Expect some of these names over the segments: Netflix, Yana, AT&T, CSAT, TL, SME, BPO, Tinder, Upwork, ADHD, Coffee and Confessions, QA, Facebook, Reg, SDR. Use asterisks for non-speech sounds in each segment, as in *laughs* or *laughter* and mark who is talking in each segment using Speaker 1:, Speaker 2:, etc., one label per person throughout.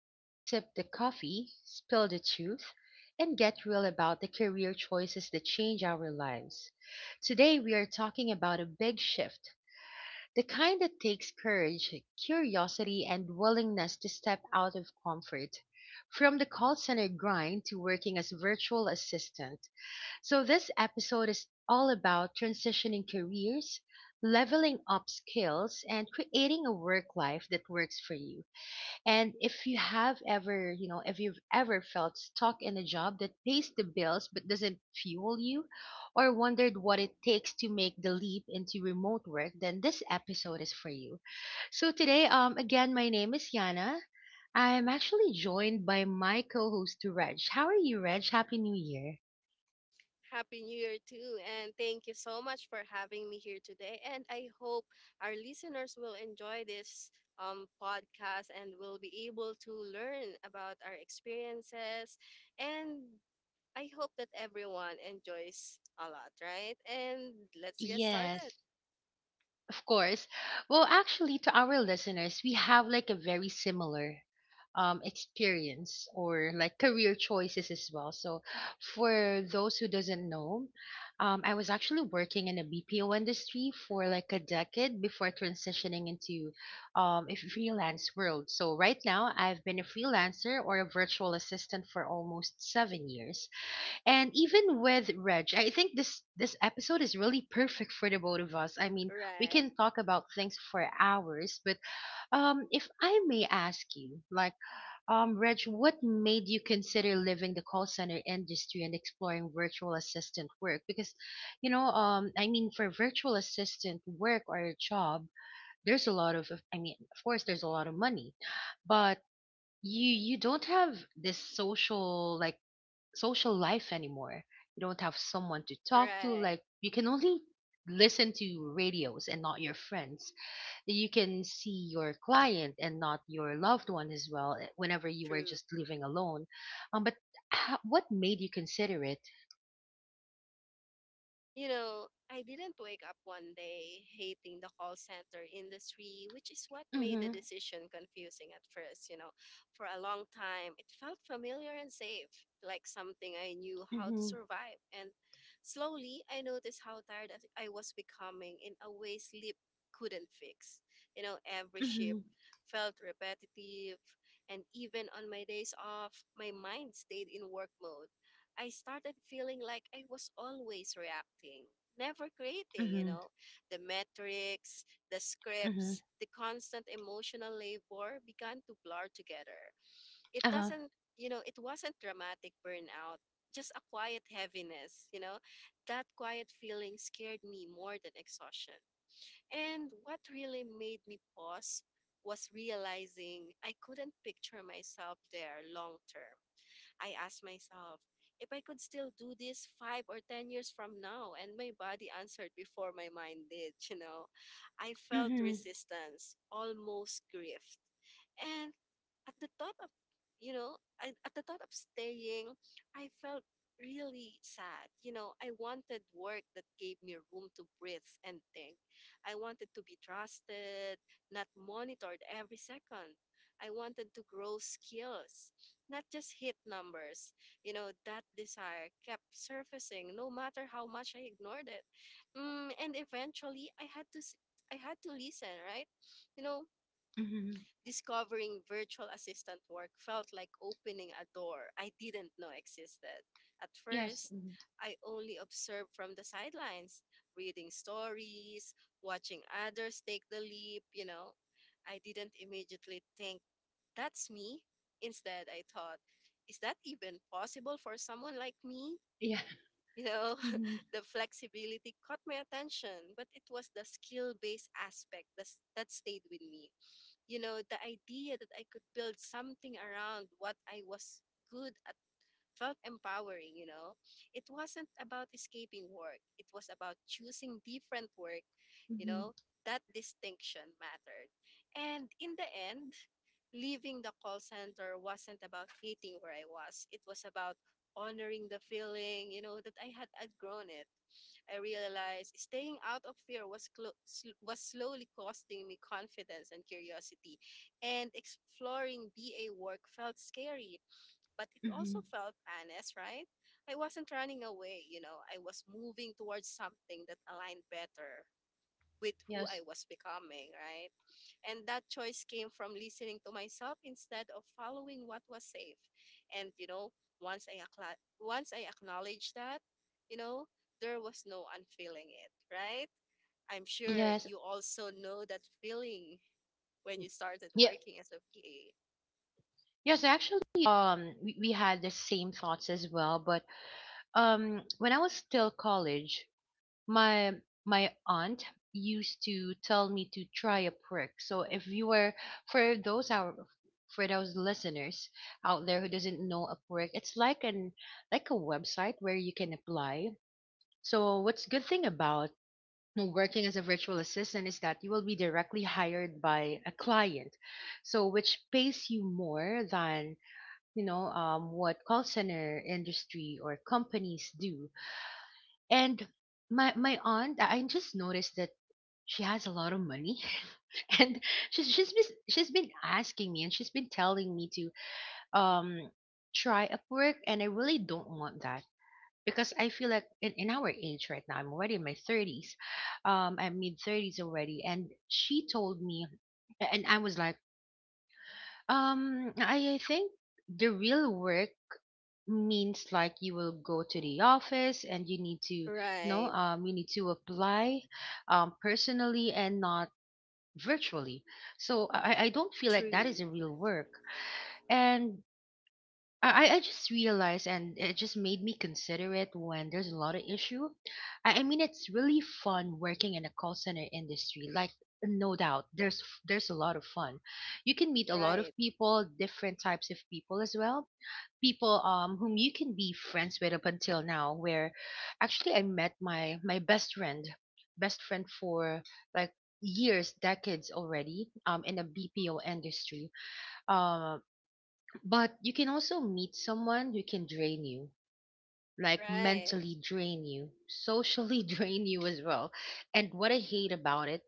Speaker 1: where we sip the coffee, spill the truth, and get real about the career choices that change our lives. Today, we are talking about a big shift, the kind that takes courage, curiosity, and willingness to step out of comfort. From the call center grind to working as virtual assistant, so, this episode is all about transitioning careers, leveling up skills, and creating a work life that works for you. And if you have ever, if you've ever felt stuck in a job that pays the bills but doesn't fuel you, or wondered what it takes to make the leap into remote work, then this episode is for you. So, today, again, my name is Yana. I'm actually joined by my co host, Reg. How are you, Reg? Happy New Year.
Speaker 2: Happy New Year too, and thank you so much for having me here today. And I hope our listeners will enjoy this podcast and will be able to learn about our experiences. And I hope that everyone enjoys a lot, right? And let's get
Speaker 1: Yes.
Speaker 2: started.
Speaker 1: Of course. Well, actually, to our listeners, we have like a very similar experience or like career choices as well. So, for those who doesn't know, I was actually working in the BPO industry for like a decade before transitioning into a freelance world. So right now, I've been a freelancer or a virtual assistant for almost 7 years. And even with Reg, I think this episode is really perfect for the both of us. I mean, we
Speaker 2: Right,
Speaker 1: can talk about things for hours, but if I may ask you, like Reg, what made you consider leaving the call center industry and exploring virtual assistant work? Because you know, I mean for virtual assistant work or a job, there's a lot of I mean, of course there's a lot of money, but you don't have this social like social life anymore. You don't have someone to talk to.
Speaker 2: right,
Speaker 1: Like you can only listen to radios and not your friends. You can see your client and not your loved one as well. Whenever you were
Speaker 2: true.
Speaker 1: just living alone, but how, what made you consider it?
Speaker 2: You know, I didn't wake up one day hating the call center industry, which is what made
Speaker 1: Mhm.
Speaker 2: the decision confusing at first. You know, for a long time, it felt familiar and safe, like something I knew
Speaker 1: Mhm.
Speaker 2: how to survive. And slowly, I noticed how I was becoming, in a way sleep couldn't fix. You know, every shift
Speaker 1: Mhm.
Speaker 2: felt repetitive, and even on my days off, my mind stayed in work mode. I started feeling like I was always reacting, never creating, you
Speaker 1: Mhm.
Speaker 2: know, the metrics, the
Speaker 1: Mhm.
Speaker 2: scripts, the constant emotional labor began to blur together. It
Speaker 1: Uh huh.
Speaker 2: doesn't, It wasn't dramatic burnout, just a quiet heaviness, you know. That quiet feeling scared me more than exhaustion. And what really made me pause was realizing I couldn't picture myself there long term. I asked myself if I could still do this 5 or 10 years from now. And my body answered before my mind did, you know. I felt
Speaker 1: Mhm.
Speaker 2: resistance, almost grief. And at the thought of, at the thought of staying, I felt really sad. You know, I wanted work that gave me room to breathe and think. I wanted to be trusted, not monitored every second. I wanted to grow skills, not just hit numbers. You know, that desire kept surfacing no matter how much I ignored it. And eventually, I had to listen, right? You know,
Speaker 1: Mhm.
Speaker 2: discovering virtual assistant work felt like opening a door I didn't know existed. At
Speaker 1: Yes.
Speaker 2: first,
Speaker 1: Mhm.
Speaker 2: I only observed from the sidelines, reading stories, watching others take the leap, you know. I didn't immediately think, that's me. Instead, I thought, is that even possible for someone like me?
Speaker 1: Yeah.
Speaker 2: You know, *laughs*
Speaker 1: *laughs* Mhm.
Speaker 2: the flexibility caught my attention, but it was the skill based aspect that stayed with me, you know, the idea that I could build something around what I was good at felt empowering, you know. It wasn't about escaping work, it was about choosing different work, you
Speaker 1: Mhm.
Speaker 2: know. That distinction mattered. And in the end, leaving the call center wasn't about hating where I was, it was about honoring the feeling, that I had outgrown it. I realized staying out of fear was slowly costing me confidence and curiosity, and exploring BA work felt scary, but it
Speaker 1: Mhm.
Speaker 2: also felt honest, right? I wasn't running away, you know, I was moving towards something that aligned better with who I
Speaker 1: Yes.
Speaker 2: was becoming, right? And that choice came from listening to myself instead of following what was safe. And, you know, once I acknowledged that, you know, there was no unfeeling it, right? I'm sure
Speaker 1: Yes.
Speaker 2: you also know that feeling when you started
Speaker 1: Yeah.
Speaker 2: working as a PA.
Speaker 1: Yes, actually, we, had the same thoughts as well. But when I was still college, my my aunt used to tell me to try a perk. So if you were for those our for those listeners out there who doesn't know a perk, it's like an like a website where you can apply. So what's good thing about working as a virtual assistant is that you will be directly hired by a client so which pays you more than you know what call center industry or companies do, and my aunt I just noticed that she has a lot of money *laughs* and she's been asking me and she's been telling me to um try Upwork, and I really don't want that because I feel like in our age right now I'm already in my 30's, I'm mid 30's already, and she told me, and I was like, I think the real work means like you will go to the office and you need to no,
Speaker 2: Right.
Speaker 1: you need to apply personally and not virtually, so I don't feel like that is
Speaker 2: True.
Speaker 1: a real work. And I just realized and it just made me consider it when there's a lot of issue. I mean, it's really fun working in a call center industry. Like no doubt there's a lot of fun. You can meet a lot
Speaker 2: Right.
Speaker 1: of people, different types of people as well, people whom you can be friends with up until now, where actually I met my best friend, best friend for like years, decades already, in the BPO industry. uh, but you can also meet someone who can drain you, like
Speaker 2: Right.
Speaker 1: mentally drain you, socially *laughs* drain you as well. And what I hate about it,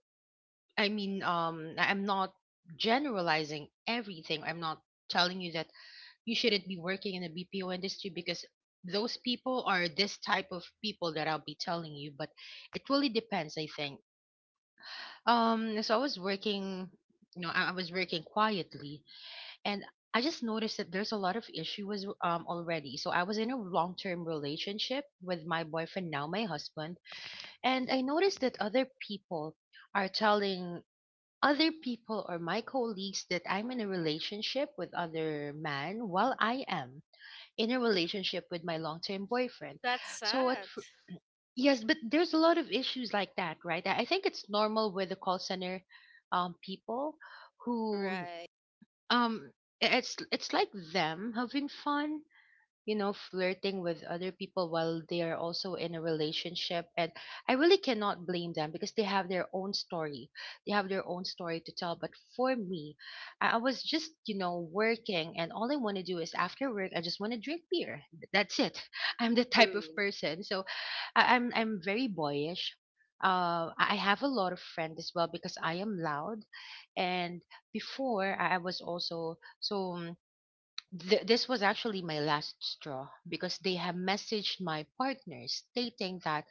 Speaker 1: I mean I'm not generalizing everything. I'm not telling you that you shouldn't be working in the BPO industry because those people are this type of people that I'll be telling you. But it really depends, I think. So I was working, you know, I was working quietly, and I just noticed that there's a lot of issues already. So I was in a long-term relationship with my boyfriend now, my husband, and I noticed that other people are telling other people or my colleagues that I'm in a relationship with other man while I am in a relationship with my long-term boyfriend.
Speaker 2: That's
Speaker 1: So at
Speaker 2: sad.
Speaker 1: fir- yes, but there's a lot of issues like that, right? I think it's normal with the call center people who
Speaker 2: Right.
Speaker 1: um it's like them having fun, you know, flirting with other people while they are also in a relationship. And I really cannot blame them because they have their own story. They have their own story to tell. But for me, I was just, you know, working, and all I want to do is after work, I just want to drink beer. That's it. *laughs* I'm the type of
Speaker 2: True.
Speaker 1: person. So I'm very boyish. I have a lot of friends as well because I am loud, and before I was also so Th- this was actually my last straw because they have messaged my partner stating that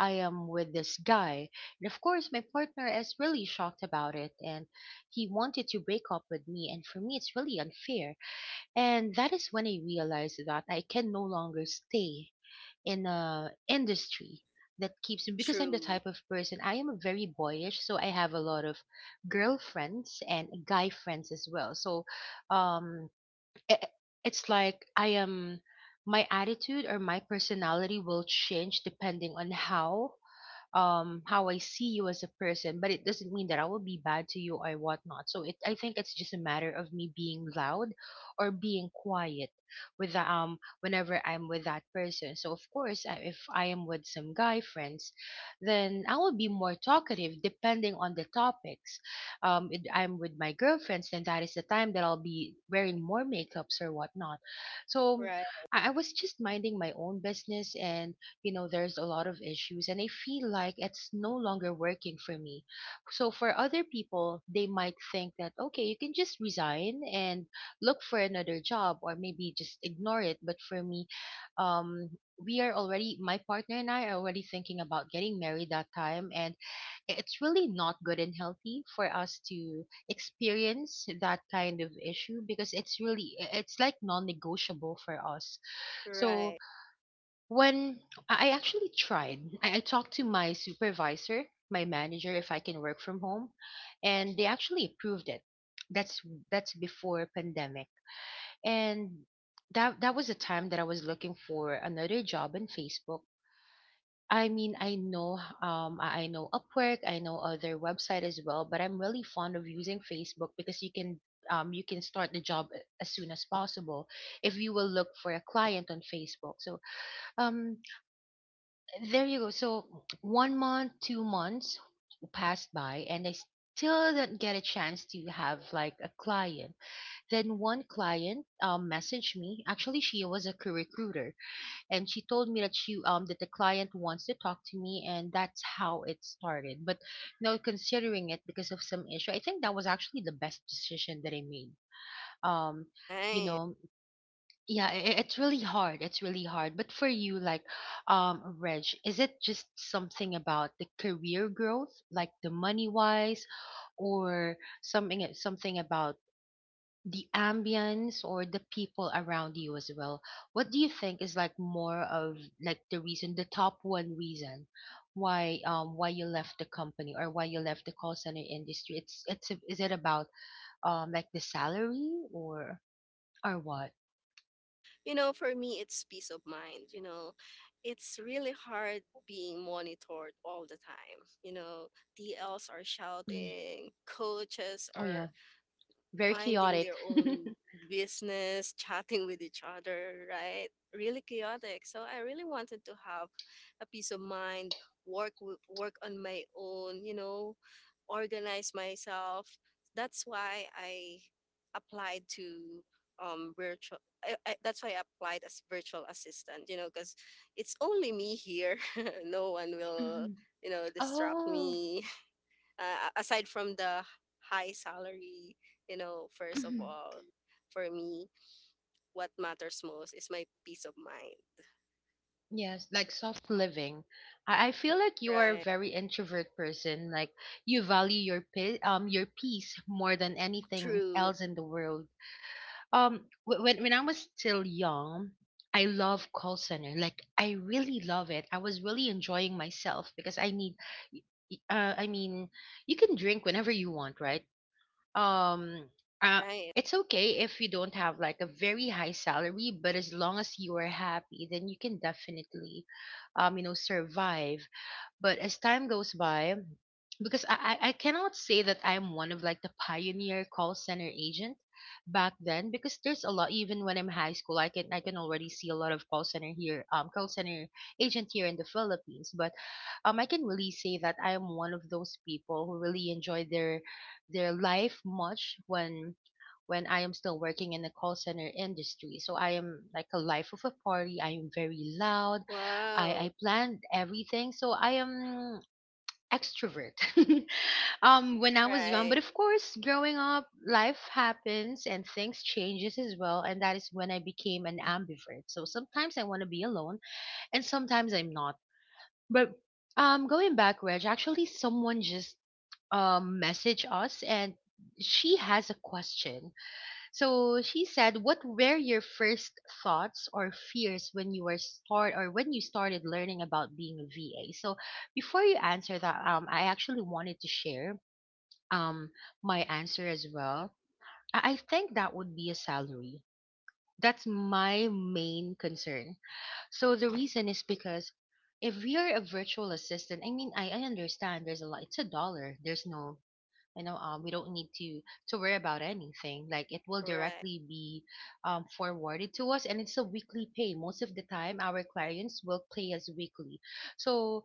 Speaker 1: I am with this guy. And of course, my partner is really shocked about it and he wanted to break up with me. And for me, it's really unfair. And that is when I realized that I can no longer stay in a industry that keeps me because I'm the
Speaker 2: True.
Speaker 1: type of person, I am very boyish, so I have a lot of girlfriends and guy friends as well. So, um i- it's like I am my attitude or my personality will change depending on how I see you as a person, but it doesn't mean that I will be bad to you or whatnot. So it I think it's just a matter of me being loud or being quiet with the, whenever I'm with that person. So of course, if I am with some guy friends, then I will be more talkative depending on the topics. If I'm with my girlfriends, then that is the time that I'll be wearing more makeups or whatnot. So
Speaker 2: Right.
Speaker 1: I was just minding my own business, and you know there's a lot of issues and I feel like it's no longer working for me. So for other people, they might think that okay, you can just resign and look for another job or maybe just ignore it. But for me, um we are already my partner and I are already thinking about getting married that time, and it's really not good and healthy for us to experience that kind of issue because it's really it's like non-negotiable for us. So
Speaker 2: Right.
Speaker 1: when I actually tried, I talked to my supervisor, my manager, if I can work from home, and they actually approved it. That's before pandemic, and that was a time that I was looking for another job in Facebook. I mean, I know I know Upwork, I know other website as well, but I'm really fond of using Facebook because you can start the job as soon as possible if you will look for a client on Facebook. So um there you go. So 1 month, 2 months passed by, and I still didn't get a chance to have like a client. Then one client messaged me. Actually, she was a career recruiter, and she told me that she that the client wants to talk to me, and that's how it started. But now considering it because of some issue, I think that was actually the best decision that I made. Um, you
Speaker 2: Nice.
Speaker 1: know, yeah, it's really hard, it's really hard. But for you like, Reg, is it just something about the career growth, like the money wise, or something something about the ambience or the people around you as well? What do you think is like more of like the reason, the top one reason why you left the company or why you left the call center industry? It's is it about like the salary or what?
Speaker 2: You know, for me, it's peace of mind. You know, it's really hard being monitored all the time. You know, DLs are
Speaker 1: Mm.
Speaker 2: shouting, coaches
Speaker 1: Oh
Speaker 2: are
Speaker 1: yeah. Very
Speaker 2: minding
Speaker 1: chaotic.
Speaker 2: their own
Speaker 1: *laughs*
Speaker 2: business, chatting with each other, right? Really chaotic. So I really wanted to have a peace of mind, work on my own, you know, organize myself. That's why I applied to virtual That's why I applied as virtual assistant, you know, because it's only me here. *laughs* No one will
Speaker 1: Mhm.
Speaker 2: distract
Speaker 1: Oh.
Speaker 2: me, aside from the high salary. You know, first of
Speaker 1: Mhm.
Speaker 2: all, for me, what matters most is my peace of mind.
Speaker 1: Yes, like soft living. I feel like you are a
Speaker 2: Right.
Speaker 1: very introvert person. Like you value your peace more than anything
Speaker 2: True.
Speaker 1: else in the world. When I was still young, I love call center. Like I really love it. I was really enjoying myself because I need. y- y- Uh, I mean, you can drink whenever you want, right? um uh,
Speaker 2: Right.
Speaker 1: it's okay if you don't have like a very high salary, but as long as you are happy, then you can definitely survive. But as time goes by, because I cannot say that I'm one of like the pioneer call center agent back then, because there's a lot. Even when I'm high school, I can already see a lot of call center here, call center agent here in the Philippines. But um, I can really say that I am one of those people who really enjoy their life much when I am still working in the call center industry. So I am like a life of a party, I am very loud. I
Speaker 2: Wow.
Speaker 1: I planned everything, so I am extrovert. *laughs* When I was young.
Speaker 2: Right.
Speaker 1: But of course, growing up, life happens and things changes as well, and that is when I became an ambivert. So sometimes I want to be alone, and sometimes I'm not. But going back, Reg, actually, someone just messaged us. And she has a question, so she said, "What were your first thoughts or fears when you were start or when you started learning about being a VA?" So before you answer that, I actually wanted to share um my answer as well. I think that would be a salary. That's my main concern. So the reason is because if you're a virtual assistant, I mean, I understand there's a lot. It's a dollar. There's no we don't need to worry about anything. Like it will
Speaker 2: Right.
Speaker 1: directly be forwarded to us, and it's a weekly pay. Most of the time our clients will pay us weekly. So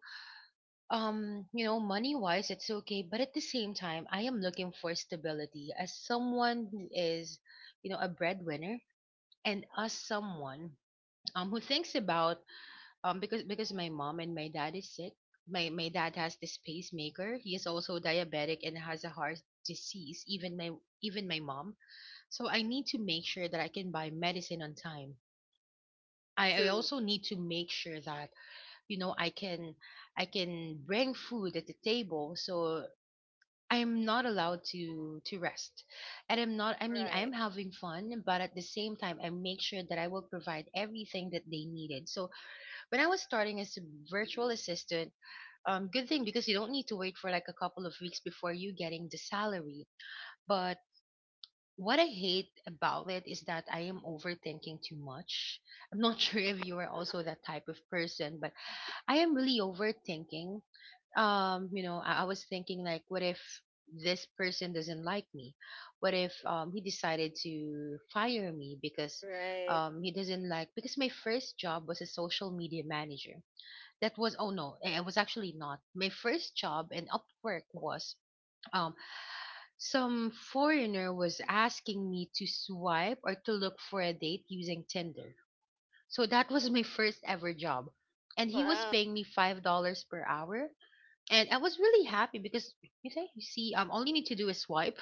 Speaker 1: um, you know, money wise it's okay, but at the same time I am looking for stability as someone who is, you know, a breadwinner, and as someone who thinks about um, because my mom and my dad is sick. My dad has this pacemaker, he is also diabetic and has a heart disease. Even my mom. So I need to make sure that I can buy medicine on time. I
Speaker 2: True.
Speaker 1: also need to make sure that, you know, I can I can bring food at the table. So I'm not allowed to rest, and I'm not, I mean, I am
Speaker 2: Right.
Speaker 1: having fun, but at the same time I make sure that I will provide everything that they needed. So when I was starting as a virtual assistant, good thing because you don't need to wait for like a couple of weeks before you getting the salary. But what I hate about it is that I am overthinking too much. I'm not *laughs* sure if you are also that type of person, but I am really overthinking. You know, I was thinking like, what if this person doesn't like me? What if he decided to fire me because
Speaker 2: Right.
Speaker 1: he doesn't like, because my first job was a social media manager. That was oh no eh, it was actually not my first job. In Upwork was um, some foreigner was asking me to swipe or to look for a date using Tinder. So that was my first ever job, and he was
Speaker 2: Wow.
Speaker 1: paying me $5 per hour. And I was really happy because you see, um, all you need to do is swipe.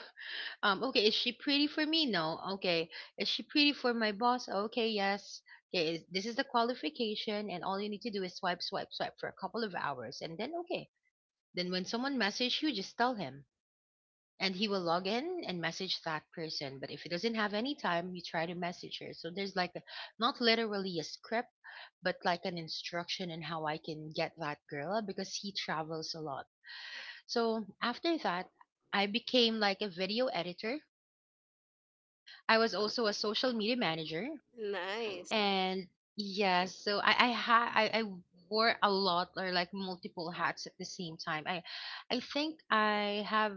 Speaker 1: Um, okay, is she pretty for me? No. Okay. Is she pretty for my boss? Okay, yes. Okay, this is the qualification, and all you need to do is swipe, swipe, swipe for a couple of hours, and then okay. Then when someone messages you, just tell him, and he will log in and message that person. But if he doesn't have any time, you try to message her. So there's like a, not literally a script, but like an instruction on how I can get that girl, because he travels a lot. So after that, I became like a video editor. I was also a social media manager.
Speaker 2: Nice.
Speaker 1: And yeah, so I wore a lot, or like multiple hats at the same time. I think I have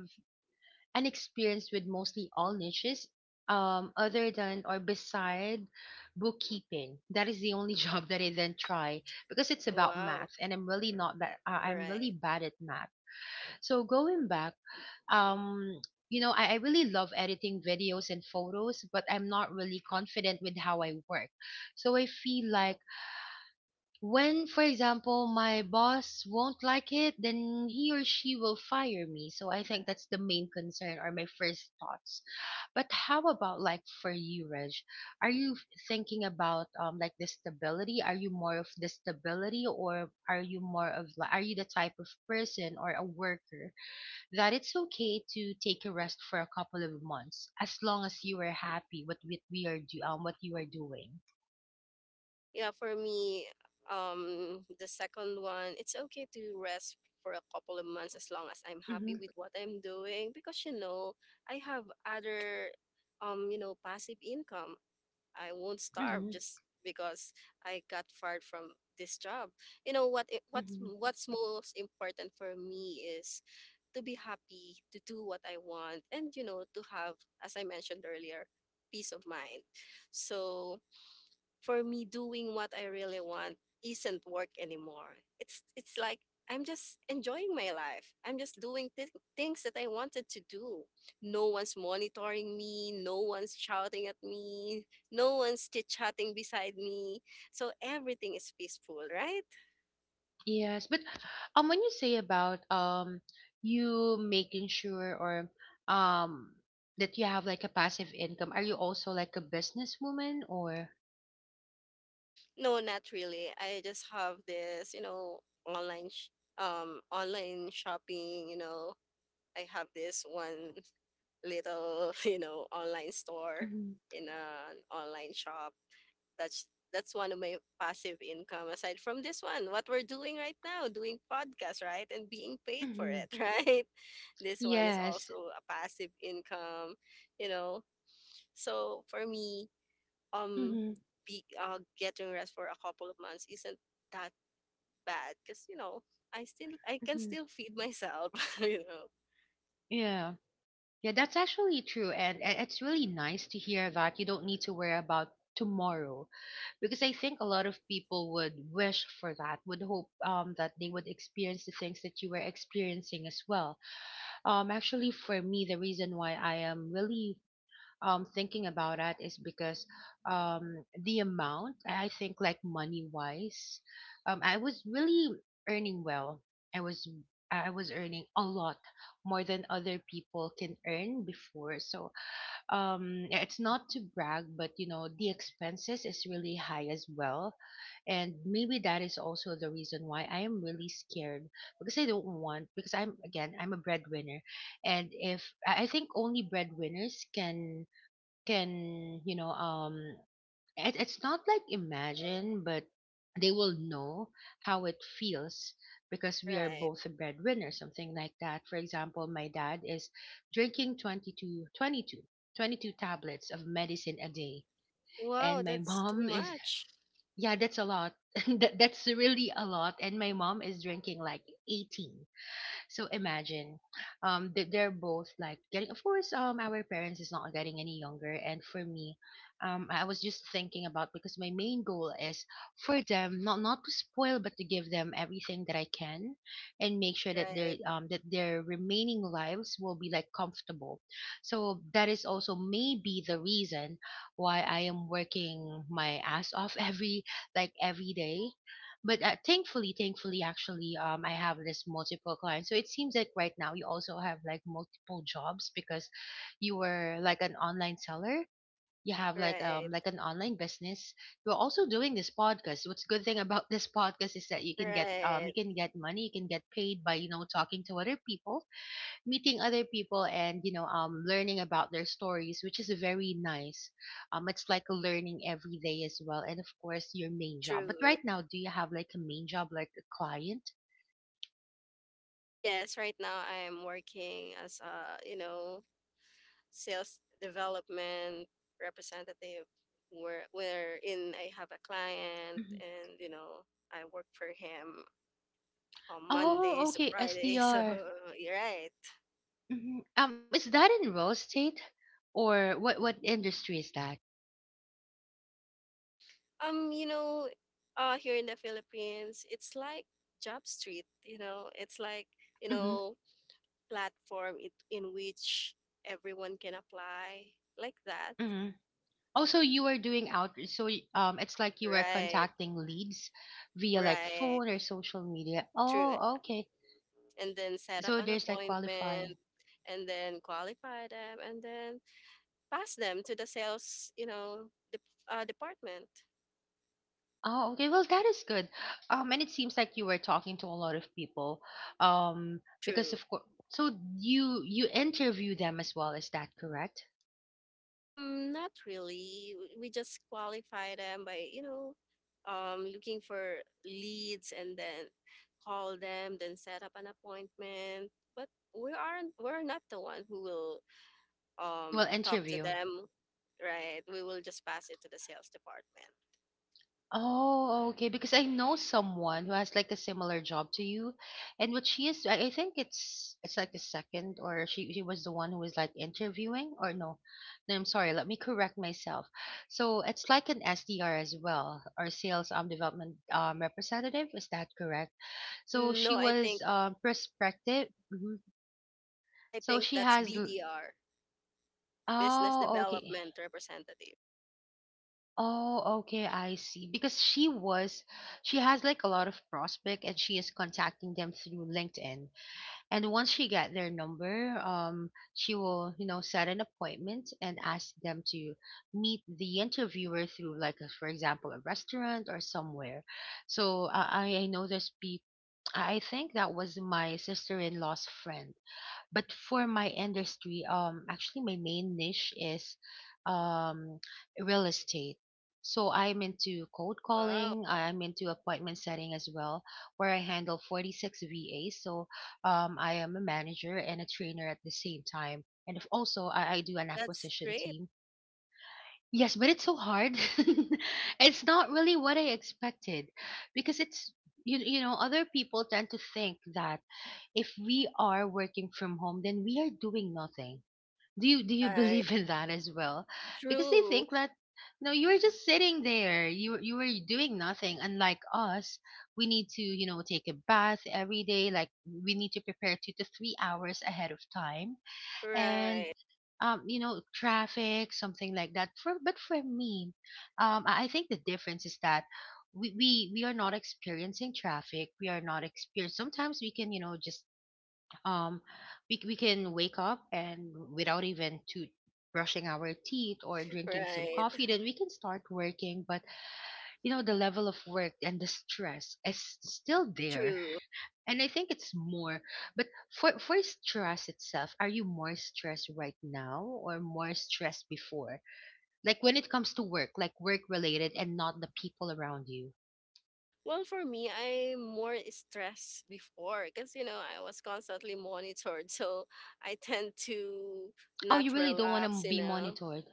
Speaker 1: an experience with mostly all niches. Other than or beside bookkeeping, that is the only *laughs* job that I didn't try, because it's about
Speaker 2: Wow.
Speaker 1: math, and I'm really not that. I'm really
Speaker 2: Right.
Speaker 1: bad at math. So going back, um you know, I really love editing videos and photos, but I'm not really confident with how I work. So I feel like when, for example, my boss won't like it, then he or she will fire me. So I think that's the main concern, or my first thoughts. But how about like for you, Reg? Are you thinking about um, like the stability? Are you more of the stability, or are you more of like, are you the type of person or a worker that it's okay to take a rest for a couple of months, as long as you are happy with what we are do what you are doing.
Speaker 2: Yeah, for me, the second one, it's okay to rest for a couple of months as long as I'm happy
Speaker 1: Mm-hmm.
Speaker 2: with what I'm doing, because you know I have other, you know, passive income. I won't starve
Speaker 1: Mm-hmm.
Speaker 2: just because I got fired from this job. You know what? It, what's
Speaker 1: Mm-hmm.
Speaker 2: what's most important for me is to be happy, to do what I want, and, to have, as I mentioned earlier, peace of mind. So for me, doing what I really want isn't work anymore. It's like I'm just enjoying my life. I'm just doing things that I wanted to do. No one's monitoring me, no one's shouting at me, no one's chit-chatting beside me. So everything is peaceful, right?
Speaker 1: Yes, but when you say about you making sure or um that you have like a passive income, are you also like a businesswoman or?
Speaker 2: No, not really. I just have this, you know, online online shopping, you know. I have this one little *laughs* you know online store
Speaker 1: Mm-hmm.
Speaker 2: in an online shop. That's that's one of my passive income, aside from this one, what we're doing right now, doing podcast, right? And being paid for
Speaker 1: Mm-hmm.
Speaker 2: it. *laughs* Right, this one is
Speaker 1: Yes.
Speaker 2: also a passive income, you know. So for me, um
Speaker 1: Mm-hmm.
Speaker 2: getting rest for a couple of months isn't that bad, because you know I can
Speaker 1: Mm-hmm.
Speaker 2: still feed myself. *laughs* You know.
Speaker 1: Yeah, yeah, that's actually true, and it's really nice to hear that you don't need to worry about tomorrow, because I think a lot of people would wish for that, would hope that they would experience the things that you were experiencing as well. Actually, for me, the reason why I am really thinking about it is because the amount, I think, like money wise, I was really earning well. I was I was earning a lot more than other people can earn before. So um, yeah, it's not to brag, but you know, the expenses is really high as well. And maybe that is also the reason why I am really scared, because I don't want, because I'm again I'm a breadwinner. And if I I think only breadwinners can you know, um, it's not like imagine, but they will know how it feels, because we are
Speaker 2: Right.
Speaker 1: both a breadwinner, something like that. For example, my dad is drinking 22, 22 tablets of medicine a day.
Speaker 2: Wow,
Speaker 1: And my *laughs*
Speaker 2: that's too
Speaker 1: mom is,
Speaker 2: much.
Speaker 1: yeah, that's a lot. *laughs* That's really a lot. And my mom is drinking like 18. So imagine, they're both like getting. Of course, our parents is not getting any younger, and for me, I was just thinking about, because my main goal is for them not to spoil, but to give them everything that I can, and make sure that their
Speaker 2: Right.
Speaker 1: um, that their remaining lives will be like comfortable. So that is also maybe the reason why I am working my ass off *laughs* every like every day. But thankfully, actually, I have this multiple clients. So it seems like right now you also have like multiple jobs, because you were like an online seller. You have like
Speaker 2: Right,
Speaker 1: um, like an online business. You're also doing this podcast. What's good thing about this *laughs* podcast is that you
Speaker 2: right.
Speaker 1: can get money. You can get paid by, you know, talking to other people, meeting other people, and you know, um, learning about their stories, which is very nice. Um, it's like a learning every day as well. And of course your main job. But
Speaker 2: True.
Speaker 1: right now, do you have like a main job, like a client?
Speaker 2: Yes, right now I'm working as a, you know, sales development representative, wherein I have a client
Speaker 1: Mhm.
Speaker 2: and, you know, I work for him on
Speaker 1: Oh,
Speaker 2: Mondays to
Speaker 1: okay,
Speaker 2: Fridays. *laughs* So
Speaker 1: SDR.
Speaker 2: you're right.
Speaker 1: Hmm, um, is that in real estate, or what industry is that?
Speaker 2: You know, here in the Philippines, it's like Job Street, you know, it's like, you
Speaker 1: Mm-hmm.
Speaker 2: know, platform it, in which everyone can apply, like that.
Speaker 1: Mm-hmm. Also you are doing out, so it's like you are
Speaker 2: Right,
Speaker 1: contacting leads via like
Speaker 2: right.
Speaker 1: phone or social media.
Speaker 2: True.
Speaker 1: Oh, okay,
Speaker 2: And then set up
Speaker 1: so
Speaker 2: an
Speaker 1: there's like qualify.
Speaker 2: appointment, and then qualify them, and then pass them to the sales, you know, the department.
Speaker 1: Oh, okay. Well, that is good. And it seems like you were talking to a lot of people. Because
Speaker 2: True.
Speaker 1: of course, so you interview them as well. Is that correct?
Speaker 2: Not really. We just qualify them by, you know, looking for leads, and then call them, then set up an appointment. But we're not the one who will
Speaker 1: Well,
Speaker 2: talk to
Speaker 1: interview.
Speaker 2: them, right? We will just pass it to the sales department.
Speaker 1: Oh, okay. Because I know someone who has like a similar job to you, and what she is, I think it's like the second, or she was the one who was like interviewing, or no, no, I'm sorry, let me correct myself. So it's like an SDR as well, or sales um, development um, representative. Is that correct? So she
Speaker 2: No, I
Speaker 1: was
Speaker 2: think
Speaker 1: um, prospective. Mhm. So she
Speaker 2: that's
Speaker 1: has.
Speaker 2: BDR, Business
Speaker 1: Oh, okay.
Speaker 2: Development Representative.
Speaker 1: Oh, okay, I see. Because she has like a lot of prospect, and she is contacting them through LinkedIn. And once she get their number, she will, set an appointment and ask them to meet the interviewer through like, for example, a restaurant or somewhere. So I know there's people. I think that was my sister-in-law's friend, but for my industry, actually my main niche is um real estate. So I'm into cold
Speaker 2: Wow,
Speaker 1: calling. I'm into appointment setting as well, where I handle 46 VAs. So I am a manager and a trainer at the same time, and if also I do an
Speaker 2: that's
Speaker 1: acquisition
Speaker 2: great.
Speaker 1: team. Yes, but it's so hard. *laughs* It's not really what I expected, because it's you you know other people tend to think that if we are working from home, then we are doing nothing. Do you
Speaker 2: Right.
Speaker 1: believe in that as well? Because they
Speaker 2: True.
Speaker 1: think that no, you are just sitting there. You are doing nothing. Unlike us, we need to take a bath every day. Like, we need to prepare 2 to 3 hours ahead of time, and
Speaker 2: Right.
Speaker 1: traffic, something like that. For but for me, I think the difference is that we are not experiencing traffic, we are not experiencing, sometimes we can just um we can wake up and without even to brushing our teeth or drinking some
Speaker 2: Right.
Speaker 1: coffee, then we can start working. But the level of work and the stress is still there,
Speaker 2: True.
Speaker 1: and I think it's more. But for stress itself, are you more stressed right now or more stressed before, like when it comes to work, like work related and not the people around you?
Speaker 2: Well, for me, I'm more stressed before, because, you know, I was constantly monitored. So I tend to
Speaker 1: Oh, you
Speaker 2: not
Speaker 1: really don't want to
Speaker 2: relax, you
Speaker 1: be
Speaker 2: know.
Speaker 1: monitored.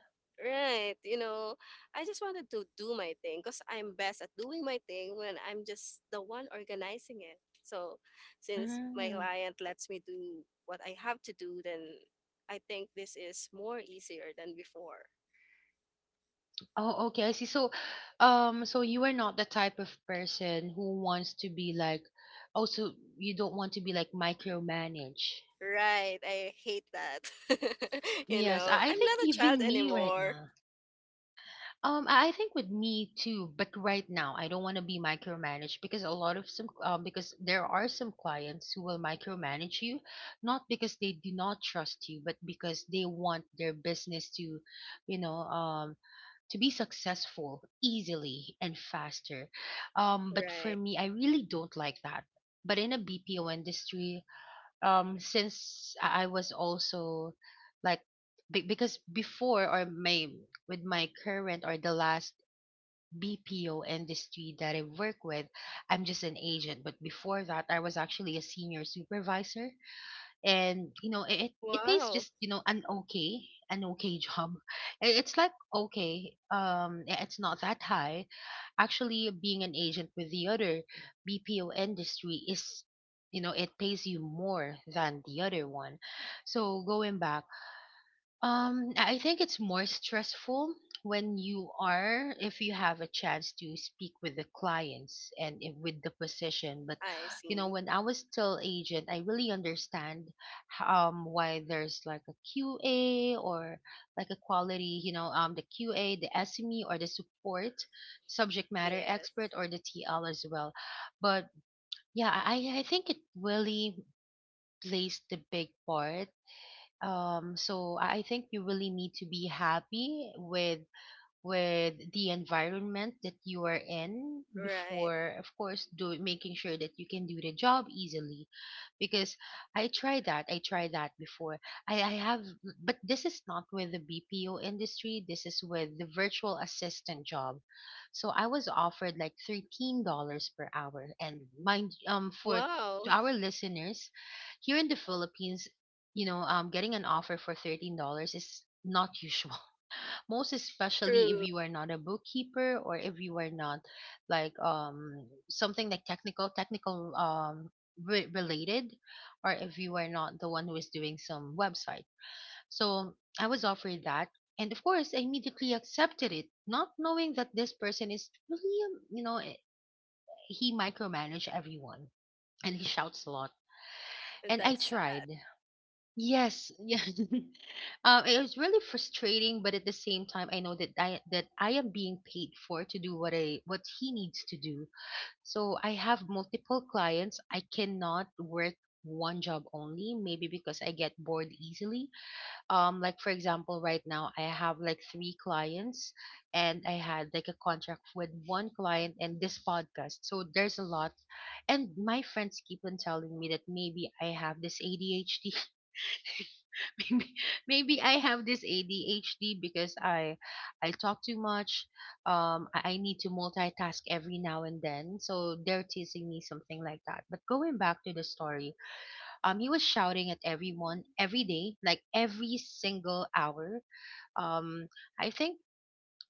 Speaker 2: Right, you know, I just wanted to do my thing, because I'm best at doing my thing when I'm just the one organizing it. So, since my
Speaker 1: Mm.
Speaker 2: client lets me do what I have to do, then I think this is more easier than before.
Speaker 1: Oh, okay, I see. So, you are not the type of person who wants to be like, also, you don't want to be like micromanaged.
Speaker 2: Right, I hate that. *laughs* You
Speaker 1: Yes,
Speaker 2: know,
Speaker 1: I
Speaker 2: I'm not
Speaker 1: think
Speaker 2: a child
Speaker 1: even me right
Speaker 2: anymore.
Speaker 1: now. I think with me too, but right now I don't want to be micromanaged, because a lot of some because there are some clients who will micromanage you, not because they do not trust you, but because they want their business to, you know, um to be successful easily and faster. But for
Speaker 2: Right.
Speaker 1: me, I really don't like that. But in a BPO industry, since I was also like because before or my, with my current or the last BPO industry that I work with, I'm just an agent. But before that, I was actually a senior supervisor, and you know it pays
Speaker 2: Wow,
Speaker 1: just, an okay, *laughs* job. It's like okay, it's not that high. Actually, being an agent with the other BPO industry is, you know, it pays you more than the other one. So going back, I think it's more stressful when you are, if you have a chance to speak with the clients and with the position. But,
Speaker 2: I see.
Speaker 1: when I was still agent, I really understand why there's like a QA, or like a quality, the QA, the SME, or the support, subject matter
Speaker 2: Yes,
Speaker 1: expert, or the TL as well. But yeah, I think it really plays the big part. So I think you really need to be happy with the environment that you are in
Speaker 2: right.
Speaker 1: before, of course, do making sure that you can do the job easily, because I tried that, before. I have, but this is not with the BPO industry, this is with the virtual assistant job. So I was offered like $13 per hour, and mind, for, to
Speaker 2: Wow,
Speaker 1: our listeners here in the Philippines, getting an offer for $13 is not *laughs* usual, most especially if
Speaker 2: true.
Speaker 1: you are not a bookkeeper, or if you are not like, something like technical, related, or if you are not the one who is doing some website. So I was offered that, and of course, I immediately accepted it, not knowing that this person is really, he micromanage everyone, and he shouts a lot, and I
Speaker 2: That's
Speaker 1: tried.
Speaker 2: sad.
Speaker 1: Yes, yeah. *laughs* It was really frustrating, but at the same time, I know that I am being paid for to do what I what he needs to do. So I have multiple clients. I cannot work one job only, maybe because I get bored easily. Like, for example, right now I have like three clients, and I had like a contract with one client and this podcast. So there's a lot, and my friends keep on telling me that maybe I have this ADHD. *laughs* Maybe I have this ADHD because I talk too much. I need to multitask every now and then. So they're teasing me something like that. But going back to the story, he was shouting at everyone every day, like every single hour. Um, I think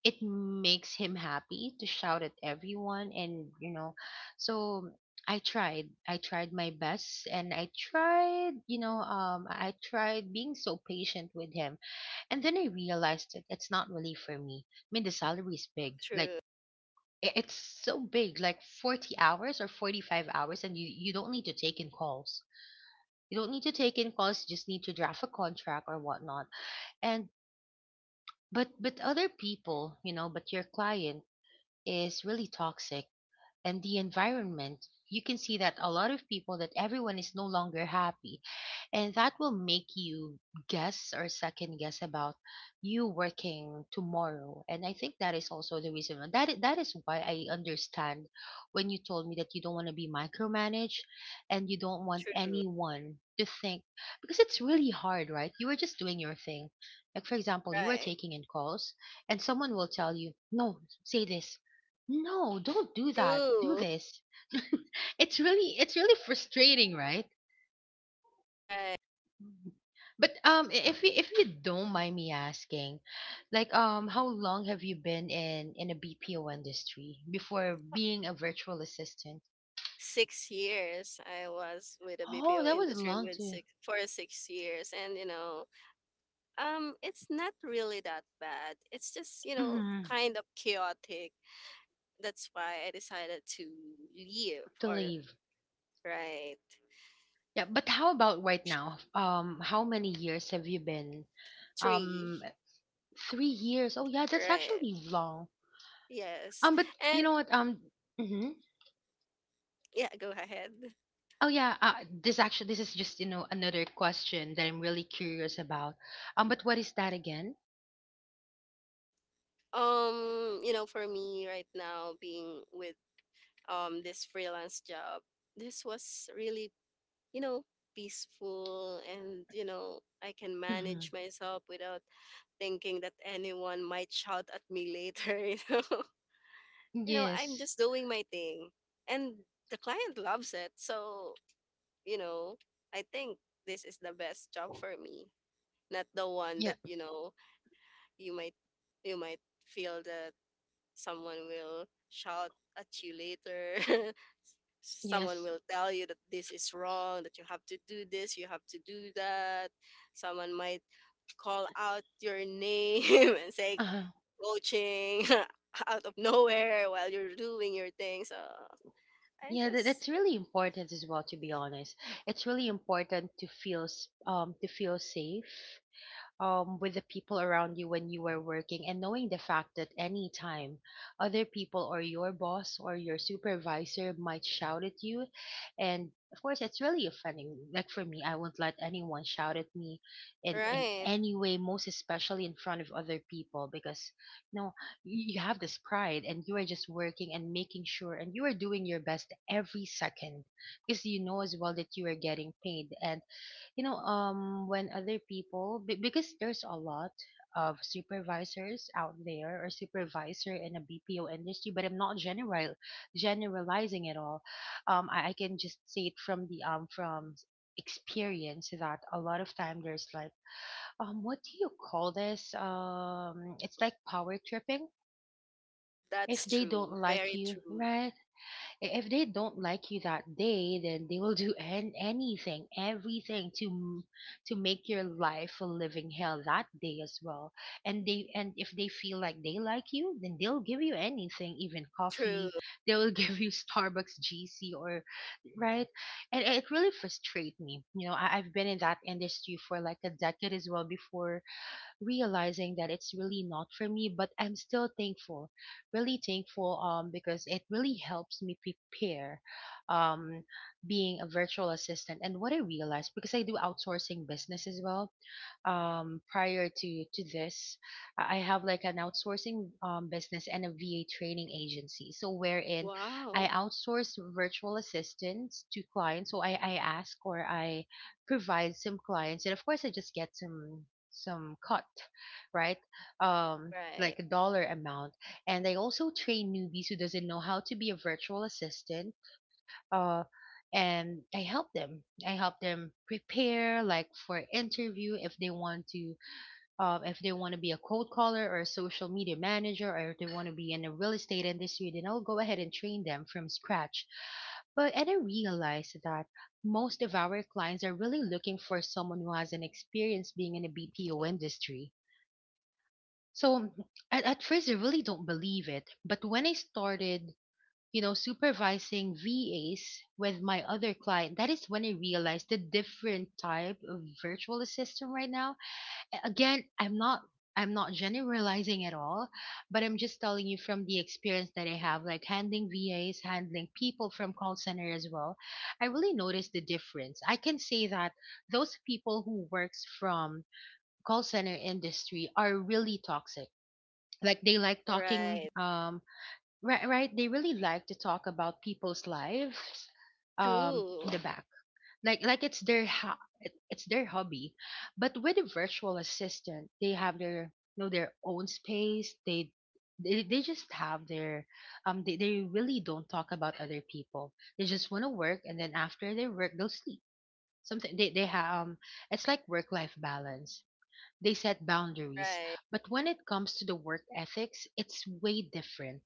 Speaker 1: it makes him happy to shout at everyone, and so. I tried. I tried my best and I tried, I tried being so patient with him, and then I realized that it's not really for me. I mean, the salary is big. Like,
Speaker 2: True,
Speaker 1: it's so big, like 40 hours or 45 hours, and you don't need to take in calls. You don't need to take in calls, you just need to draft a contract or whatnot. And, but other people, but your client is really toxic. And the environment, you can see that a lot of people, that everyone is no longer happy, and that will make you guess or second guess about you working tomorrow. And I think that is also the reason that is why I understand when you told me that you don't want to be micromanaged, and you don't want anyone to think, because it's really hard, right? You are just doing your thing, like for
Speaker 2: true,
Speaker 1: example you are
Speaker 2: right.
Speaker 1: taking in calls, and someone will tell you, no, say this, no, don't do that, do
Speaker 2: True.
Speaker 1: this. *laughs* It's really frustrating, right?
Speaker 2: Right.
Speaker 1: Mhm. But if you, don't mind me asking, like, how long have you been in a BPO industry before being a virtual assistant?
Speaker 2: 6 years I was with the
Speaker 1: Oh,
Speaker 2: BPO
Speaker 1: that was
Speaker 2: industry,
Speaker 1: long
Speaker 2: with
Speaker 1: to
Speaker 2: 6 years, and you know, it's not really that bad. It's just, you know,
Speaker 1: hmm
Speaker 2: kind of chaotic. That's why I decided to leave.
Speaker 1: to
Speaker 2: Or
Speaker 1: leave.
Speaker 2: right,
Speaker 1: Yeah, but how about right now? How many years have you been?
Speaker 2: three.
Speaker 1: Um, 3 years. Oh yeah, that's
Speaker 2: Right.
Speaker 1: actually long.
Speaker 2: Yes.
Speaker 1: But
Speaker 2: And
Speaker 1: you know what? Mhm.
Speaker 2: yeah, go ahead.
Speaker 1: Oh yeah. This, actually this is just, another question that I'm really curious about. But what is that again?
Speaker 2: You know, for me right now, being with this freelance job, this was really, you know, peaceful, and, you know, I can manage myself without thinking that anyone might shout at me later. *laughs* You know, you know, I'm
Speaker 1: Yes.
Speaker 2: just doing my thing. And the client loves it. So, you know, I think this is the best job for me. Not the one
Speaker 1: Yeah.
Speaker 2: that, you know, you might, you might feel the, someone will shout at you later, *laughs* someone
Speaker 1: Yes.
Speaker 2: will tell you that this is wrong, that you have to do this, you have to do that, someone might call out your name *laughs* and say
Speaker 1: Uh-huh.
Speaker 2: coaching *laughs* out of nowhere while you're doing your thing. So I
Speaker 1: Yeah,
Speaker 2: just.
Speaker 1: that's really important as well, to be honest. It's really important to feel to feel safe, with the people around you when you were working, and knowing the fact that any time other people, or your boss, or your supervisor might shout at you. And of course it's really offending. Like for me, I won't let anyone shout at me in
Speaker 2: Right.
Speaker 1: any way, most especially in front of other people, because you know you have this pride, and you are just working and making sure, and you are doing your best every second, because you know as well that you are getting paid. And when other people, because there's a lot of supervisors out there, or supervisor in a BPO industry, but I'm not generalizing it all. I can just say it from the from experience, that a lot of time there's like, what do you call this, it's like power tripping. If
Speaker 2: That's
Speaker 1: they don't
Speaker 2: true,
Speaker 1: like
Speaker 2: very
Speaker 1: you,
Speaker 2: true.
Speaker 1: right? If they don't like you that day, then they will *laughs* do anything, everything to to make your life a living hell that day as well. And they, and if they feel like they like you, then they'll give you anything, even
Speaker 2: True.
Speaker 1: coffee. They will *laughs* give you Starbucks GC or right. And it really frustrates me. I've been in that industry for like a decade as well before realizing that it's really not for me, but I'm still thankful, really thankful, because it really helps me prepare, um being a virtual assistant. And what I realized, because I do outsourcing business as well, prior to this, I have like an outsourcing, business and a VA training agency. So wherein I
Speaker 2: Wow.
Speaker 1: outsource virtual assistants to clients. So I ask or I provide some clients, and of course I just get some cut, right? Um,
Speaker 2: Right.
Speaker 1: like a dollar amount, and I also train newbies who doesn't know how to be a virtual assistant, uh, and I help them. I help them prepare, like for interview, if they want to, if they want to be a cold caller or a social media manager, or if they want to be in the real estate industry, then I'll go ahead and train them from scratch. But and I realized that most of our clients are really looking for someone who has an experience being in the BPO industry. So at first I really don't believe it, but when I started, you know, supervising VAs with my other client, that is when I realized the different type of virtual assistant right now. Again, I'm not generalizing at all, but I'm just telling you from the experience that I have, like handling VAs, handling people from call center as well. I really noticed the difference. I can say that those people who works from call center industry are really toxic. Like they like talking
Speaker 2: Right.
Speaker 1: um Right, right, they really like to talk about people's lives in
Speaker 2: True.
Speaker 1: the back, like it's their hobby. But with a virtual assistant, they have their, you know, their own space. They just have their they really don't talk about other people. They just want to work, and then after they work they'll sleep. Something they have, um, it's like work life balance. They set boundaries.
Speaker 2: Right.
Speaker 1: But when it comes to the work ethics, it's way different.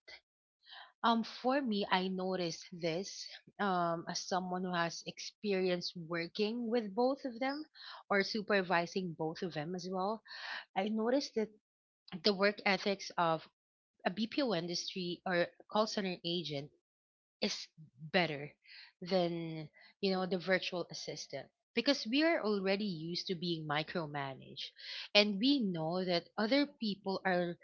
Speaker 1: For me, I noticed this, as someone who has experience working with both of them or supervising both of them as well. I noticed that the work ethics of a BPO industry or call center agent is better than, you know, the virtual assistant, because we are already used to being micromanaged, and we know that other people are,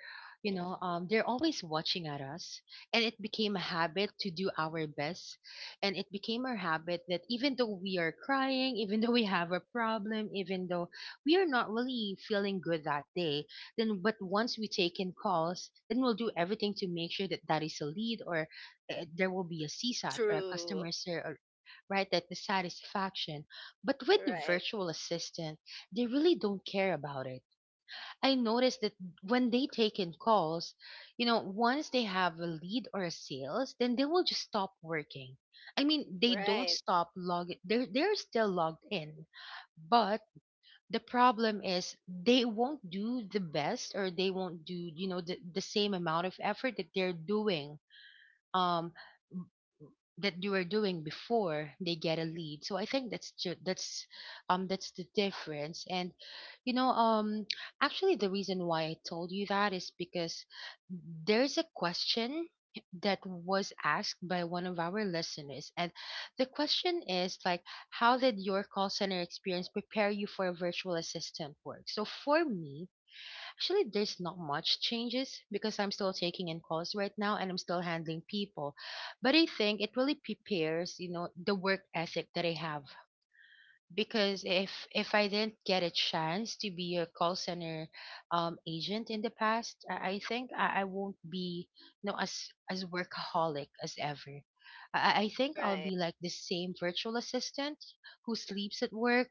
Speaker 1: you know, they're always watching at us. And it became a habit to do our best, and it became our habit that even though we are crying, even *laughs* though we have a problem, even though we are not really feeling good that day, then but once we take in calls, then we'll do everything to make sure that that is a lead, or there will be a CSAT or a
Speaker 2: True.
Speaker 1: customer service, right? That the satisfaction. But with the
Speaker 2: Right.
Speaker 1: virtual assistant, they really don't care about it. I noticed that when they take in calls, you know, once they have a lead or a sales, then they will just stop working. I mean, they don't
Speaker 2: Right.
Speaker 1: stop log. They're still logged in, but the problem is they won't do the best, or they won't do, you know, the same amount of effort that they're doing um that you were doing before they get a lead. So I think that's that's the difference. And you know, actually the reason why I told you that is because there's a question that was asked by one of our listeners, and the question is like, how did your call center experience prepare you for virtual assistant work? So for me, actually, there's not much changes because I'm still taking in calls right now, and I'm still handling people. But I think it really prepares, you know, the work ethic that I have, because if I didn't get a chance to be a call center agent in the past, I think I won't be, you know, as workaholic as ever. I think I'll
Speaker 2: Right.
Speaker 1: be like the same virtual assistant who sleeps at work,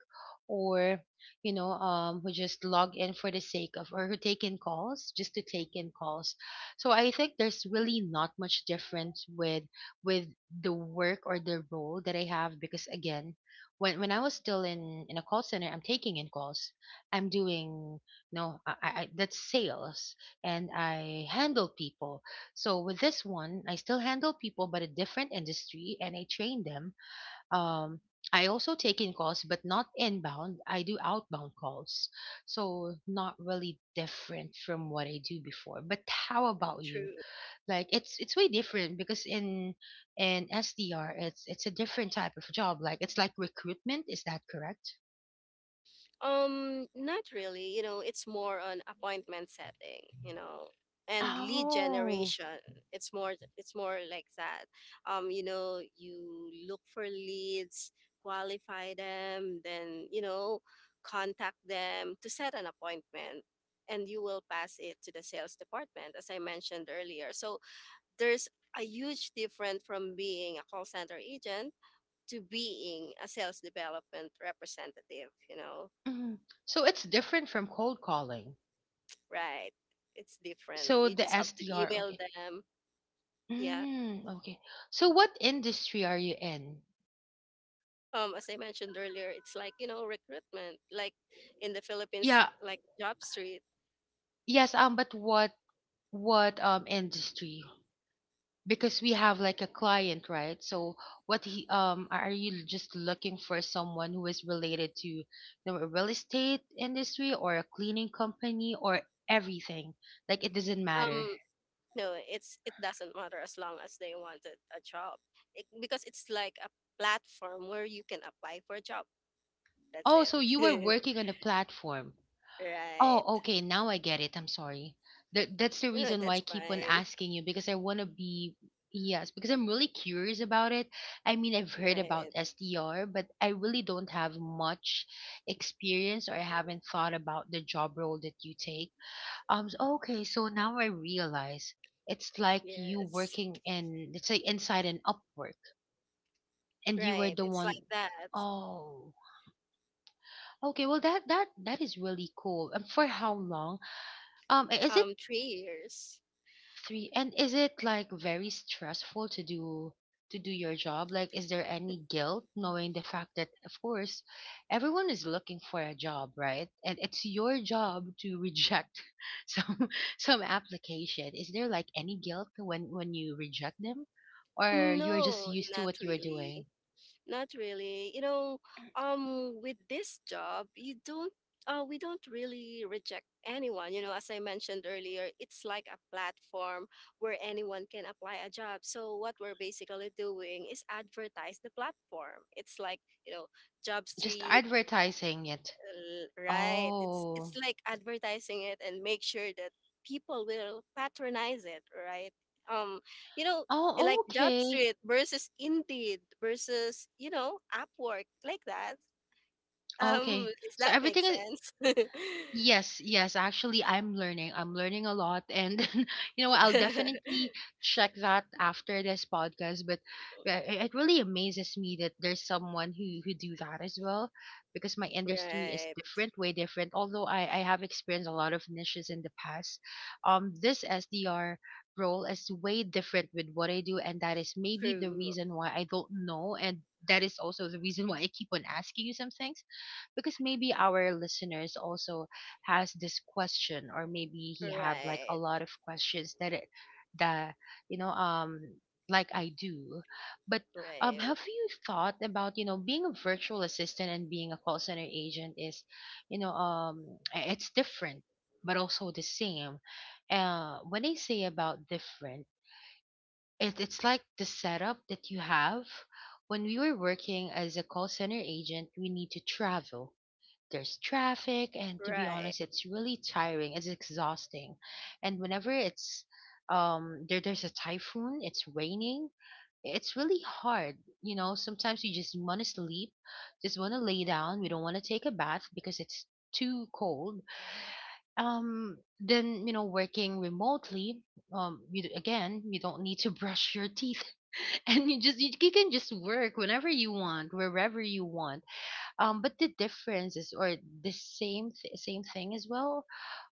Speaker 1: or you know who just log in for the sake of, or who take in calls just to take in calls. So I think there's really not much difference with the work or the role that I have, because again, when I was still in a call center, I'm taking in calls. I'm doing, no, that's sales, and I handle people. So with this one, I still handle people, but a different industry, and I train them. Um, I also take in calls, but not inbound. I do outbound calls, so not really different from what I do before. But how about you?
Speaker 2: True.
Speaker 1: Like it's way different because in SDR it's a different type of job, like it's like recruitment, is that correct?
Speaker 2: Not really. You know, it's more on appointment setting, you know, and lead
Speaker 1: Oh.
Speaker 2: generation. It's more like that. You know, you look for leads, qualify them, then, you know, contact them to set an appointment, and you will pass it to the sales department, as I mentioned earlier. So there's a huge difference from being a call center agent to being a sales development representative, you know.
Speaker 1: Hmm, so it's different from cold calling.
Speaker 2: Right. It's different.
Speaker 1: So
Speaker 2: You
Speaker 1: the
Speaker 2: just have to
Speaker 1: SDR,
Speaker 2: email
Speaker 1: okay.
Speaker 2: them. Yeah.
Speaker 1: Mm, okay. So what industry are you in?
Speaker 2: As I mentioned earlier, it's like, you know, recruitment, like in the Philippines,
Speaker 1: Yeah.
Speaker 2: like Job Street.
Speaker 1: Yes, um, but what industry, because we have like a client, right? So what he um, are you just looking for someone who is related to, you know, a real estate industry or a cleaning company, or everything, like it doesn't matter.
Speaker 2: Um, no, it's it doesn't matter as long as they wanted a job. It, because it's like a platform where you can apply for a job. That's
Speaker 1: Oh, so you were
Speaker 2: it.
Speaker 1: working
Speaker 2: *laughs*
Speaker 1: on a platform.
Speaker 2: Right.
Speaker 1: Oh, okay. Now I get it. I'm sorry. That's the reason why I
Speaker 2: That's
Speaker 1: keep on
Speaker 2: fine.
Speaker 1: asking you, because I want to be, yes, because I'm really curious about it. I mean, I've heard about
Speaker 2: Right.
Speaker 1: SDR, but I really don't have much experience, or I haven't thought about the job role that you take. Okay, so now I realize it's like you
Speaker 2: Yes.
Speaker 1: working in, let's say, inside an Upwork, and you were
Speaker 2: Right.
Speaker 1: the
Speaker 2: It's
Speaker 1: one.
Speaker 2: like that.
Speaker 1: Oh. Okay. Well, that is really cool. And for how long? Is it?
Speaker 2: 3 years.
Speaker 1: Three. And is it like very stressful to do your job? Like, is there any guilt knowing the fact that, of course, everyone is looking for a job, right? And it's your job to reject *laughs* some some application. Is there like any guilt when you reject them, or you're just
Speaker 2: No,
Speaker 1: used to
Speaker 2: not
Speaker 1: what you are
Speaker 2: really.
Speaker 1: doing?
Speaker 2: Not really. You know, with this job, you don't. We don't really reject anyone. You know, as I mentioned earlier, it's like a platform where anyone can apply a job. So what we're basically doing is advertise the platform. It's like, you know, Job
Speaker 1: Just
Speaker 2: Street.
Speaker 1: advertising it.
Speaker 2: Right. It's
Speaker 1: Oh.
Speaker 2: like advertising it and make sure that people will patronize it, right? Um, you know,
Speaker 1: Oh,
Speaker 2: like Job
Speaker 1: okay.
Speaker 2: Street versus Indeed versus, Upwork, like that. *laughs*
Speaker 1: Okay.
Speaker 2: Does
Speaker 1: So
Speaker 2: that make
Speaker 1: everything is,
Speaker 2: sense? *laughs*
Speaker 1: yes, yes. Actually, I'm learning. I'm learning a lot, and *laughs* you know, I'll definitely check that after this podcast. But it it really amazes me that there's someone who do that as well, because my industry is
Speaker 2: Right.
Speaker 1: different, way different. Although I have experienced a lot of niches in the past, this SDR role is way different with what I do, and that is maybe the
Speaker 2: True.
Speaker 1: reason why I don't know, and that is also the reason why I keep on asking you some things, because maybe our listeners also has this question, or maybe he have like a
Speaker 2: Right.
Speaker 1: lot of questions that it that you know like I do. But
Speaker 2: Right.
Speaker 1: have you thought about, you know, being a virtual assistant and being a call center agent is, you know, it's different but also the same. When I say about different, it's like the setup that you have when we were working as a call center agent, we need to travel, there's traffic, and to be
Speaker 2: Right.
Speaker 1: honest, it's really tiring. It's exhausting, and whenever it's there's a typhoon, it's raining. It's really hard, you know. Sometimes you just want to sleep, just want to lay down. We don't want to take a bath because it's too cold. Then you know, working remotely, you d- again, you don't need to *laughs* brush your teeth *laughs* and you just you can just work whenever you want wherever you want, but the differences or the same thing as well,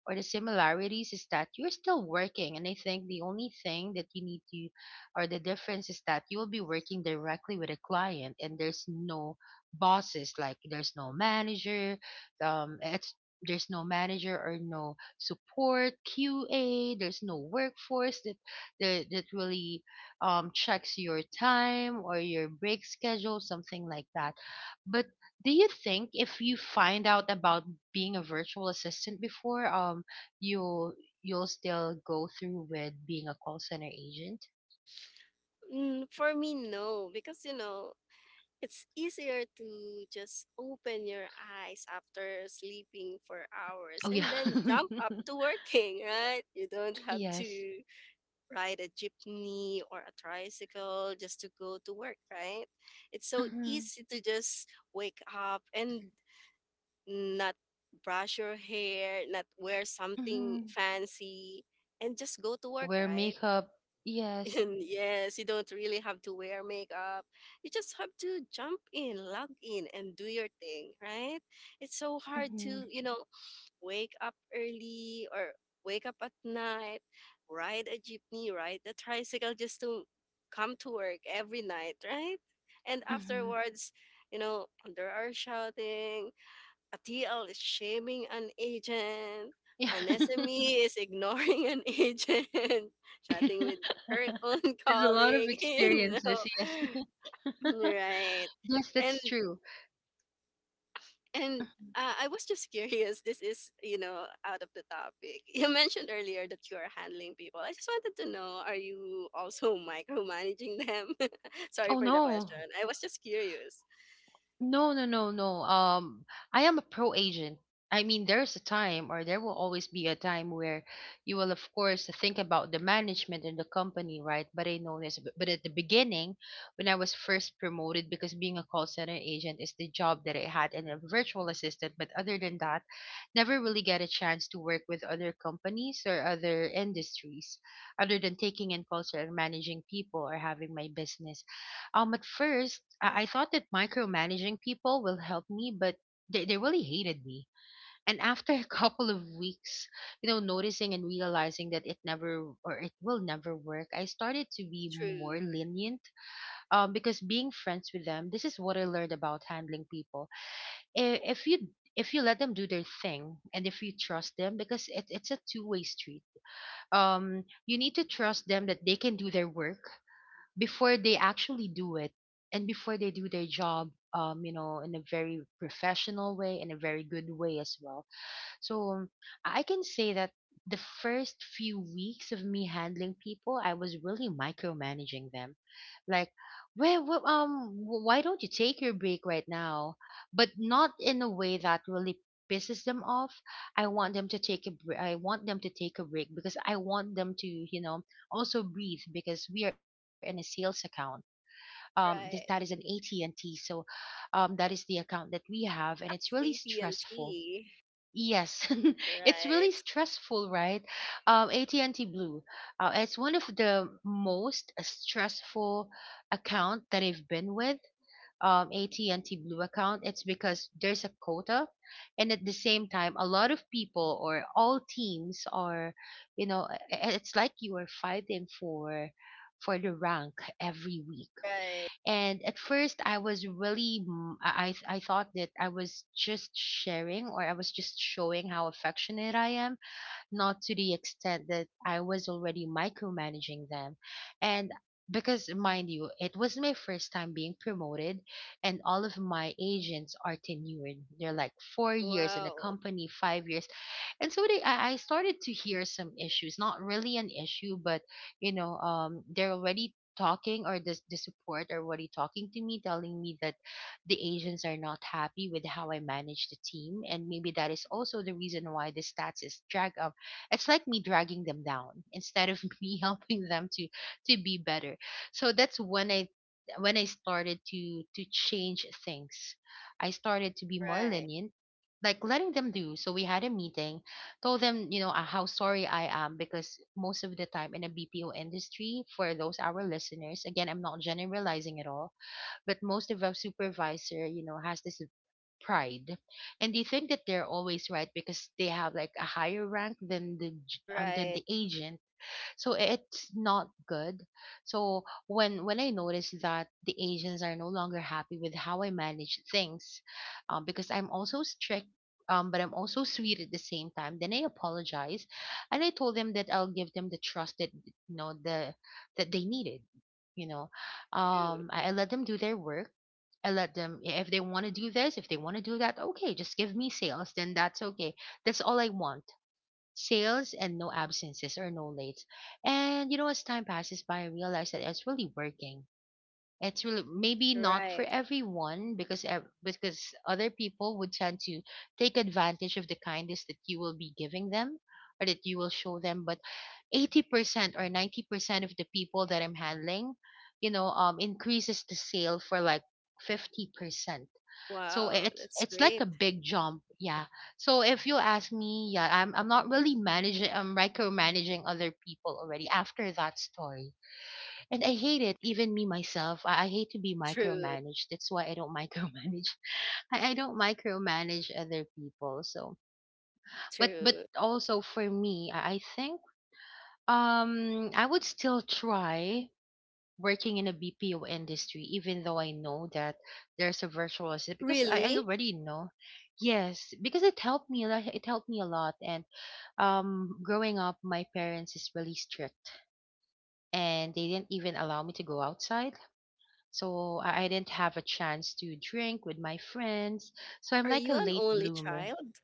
Speaker 1: or the similarities is that you're still working, and I think the only thing that you need to, or the difference is that you will be working directly with a client, and there's no bosses, like there's no manager, it's there's no manager or no support QA, there's no workforce that that really, checks your time or your break schedule, something like that. But do you think if you find out about being a virtual assistant before, you you'll still go through with being a call center agent?
Speaker 2: Mm, for me, no, because it's easier to just open your eyes after sleeping for
Speaker 1: Oh
Speaker 2: hours
Speaker 1: yeah.
Speaker 2: and then jump up to
Speaker 1: *laughs*
Speaker 2: working, right? You don't have to
Speaker 1: Yes.
Speaker 2: ride a jeepney or a tricycle just to go to work, right? It's so
Speaker 1: Hmm.
Speaker 2: easy to just wake up and not brush your hair, not wear something
Speaker 1: Hmm.
Speaker 2: fancy, and just go to work,
Speaker 1: Wear
Speaker 2: right?
Speaker 1: makeup.
Speaker 2: *laughs*
Speaker 1: Yes.
Speaker 2: And yes, you don't really have to wear makeup. You just have to jump in, log in, and do your thing, right? It's so hard
Speaker 1: Hmm.
Speaker 2: to, wake up early or wake up at night, ride a jeepney, ride a tricycle just to come to work every night, right? And
Speaker 1: Hmm.
Speaker 2: afterwards, you know, there are shouting, a TL is shaming an agent,
Speaker 1: Yeah.
Speaker 2: an
Speaker 1: *laughs*
Speaker 2: SME is ignoring an *laughs* agent, chatting with her own
Speaker 1: There's a lot of
Speaker 2: colleague, *laughs* you know.
Speaker 1: experiences. Yes. *laughs*
Speaker 2: Right.
Speaker 1: Yes,
Speaker 2: And
Speaker 1: that's true.
Speaker 2: and I was just curious. This is, out of the topic. You mentioned earlier that you are handling people. I just wanted to know, are you also *laughs* micromanaging them? *laughs* Sorry
Speaker 1: Oh
Speaker 2: for the question.
Speaker 1: no.
Speaker 2: I was just curious.
Speaker 1: No, no, no, no. I am a pro agent. I mean, there's a time, or there will always be a time where you will, of course, think about the management and the company, right? But I know this. But at the beginning, when I was first promoted, because being a call center agent is the job that I had and a virtual assistant. But other than that, never really get a chance to work with other companies or other industries, other than taking in calls or managing people or having my business. At first, I thought that micromanaging people will help me, but they really hated me. And after a *laughs* couple of weeks, you know, noticing and realizing that it never or it will never work, I started to be
Speaker 2: True.
Speaker 1: more lenient. Because being friends with them, this is what I learned about handling people. If you let them do their thing, and if you trust them, because it's a two-way street. You need to trust them that they can do their work before they actually do it, and before they do their
Speaker 2: Right.
Speaker 1: job, in a very professional way, in a very good way as well. So I can say that the first few weeks of me handling people, I was really micromanaging them, like, where why don't you take your break right now, but not in a way that really pisses them off. I want them to I want them to take a break because I want them to also breathe, because we are in a sales account. That is an
Speaker 2: Right.
Speaker 1: AT&T, so that is the account that we have, and it's
Speaker 2: Shucks,
Speaker 1: really stressful.
Speaker 2: AT&T.
Speaker 1: Yes. *laughs* It's really
Speaker 2: Right.
Speaker 1: stressful, right? AT&T Blue, it's one of the most stressful account that I've been with. AT&T Blue account, it's because there's a quota, and at the same time a lot of people or all teams are, you know, it's like you are fighting for the rank every week.
Speaker 2: Right.
Speaker 1: And at first I was really I thought that I was just sharing, or I was just showing how affectionate I am, not to the extent that I was already micromanaging them. And because, mind you, it was my first time being promoted, and all of my agents are tenured. They're like 4 years in the
Speaker 2: Wow.
Speaker 1: company, 5 years. And so they, I started to hear some issues, not really an issue, but, they're already talking, or the support are already talking to me, telling me that the agents are not happy with how I manage the team, and maybe that is also the reason why the stats is drag up. It's like me dragging them down instead of *laughs* me helping them to be better. So that's when I started to change things. I started to be more
Speaker 2: Right.
Speaker 1: lenient, like letting them do. So we had a meeting, told them, you know, how sorry I am, because most of the time in a BPO industry, for those our listeners, again, I'm not generalizing at all, but most of our supervisor, you know, has this pride, and they think that they're always right because they have like a higher rank than the than
Speaker 2: Right.
Speaker 1: the agent. So it's not good. So when I notice that the asians are no longer happy with how I manage things, because I'm also strict, but I'm also sweet at the same time, then I apologize, and I told them that I'll give them the trust that, you know, the that they needed, you know.
Speaker 2: True.
Speaker 1: I let them do their work. I let them, if they want to do this, if they want to do that, okay, just give me sales, then that's okay. That's all I want, sales and no absences or no lates. And you know, as time passes by, I realize that it's really working. It's really maybe not for
Speaker 2: Right.
Speaker 1: everyone because other people would tend to take advantage of the kindness that you will be giving them, or that you will show them. But 80% or 90% of the people that I'm handling, increases the sale for like 50%. So
Speaker 2: Wow.
Speaker 1: it's
Speaker 2: That's
Speaker 1: like
Speaker 2: great.
Speaker 1: a big jump, yeah. So if you ask me, yeah, I'm not really managing, I'm micromanaging other people already after that story, and I hate it. Even me myself, I hate to be
Speaker 2: True.
Speaker 1: micromanaged. That's why I don't *laughs* micromanage. I don't micromanage other people. So, but
Speaker 2: True.
Speaker 1: also for me, I think I would still try working in a BPO industry, even though I know that there's a virtual assistant, because I
Speaker 2: Really?
Speaker 1: already know. Yes, because it helped me a lot. It helped me a lot. And growing up, my parents is really strict, and they didn't even allow me to go outside. So I didn't have a chance to drink with my friends. So I'm
Speaker 2: Are
Speaker 1: like a
Speaker 2: you an
Speaker 1: late
Speaker 2: only
Speaker 1: bloomer.
Speaker 2: child?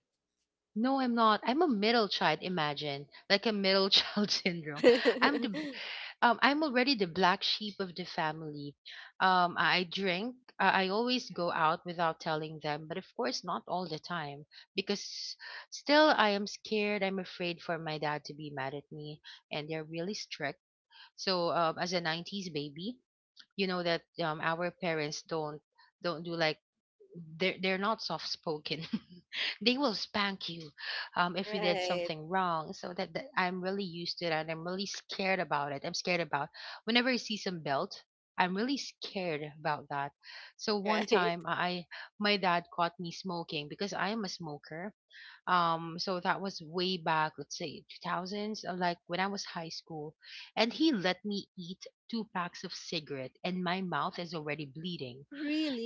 Speaker 1: No, I'm not. I'm a middle child. Imagine like a middle *laughs* child syndrome. I'm the
Speaker 2: *laughs*
Speaker 1: I'm already the black sheep of the family. I drink. I always go out without telling them, but of course not all the time, because still I am scared. I'm afraid for my dad to be mad at me, and they're really strict. So as a '90s baby, you know that our parents don't do like they're not soft spoken. *laughs* They will spank you if you did
Speaker 2: Right.
Speaker 1: something wrong. So that I'm really used to that, and I'm really scared about it. I'm scared about whenever I see some belt. I'm really scared about that. So one
Speaker 2: Right.
Speaker 1: time I my dad caught me smoking, because I am a smoker. So that was way back, let's say 2000s, like when I was high school. And he let me eat 2 packs of cigarette, and my mouth is already bleeding.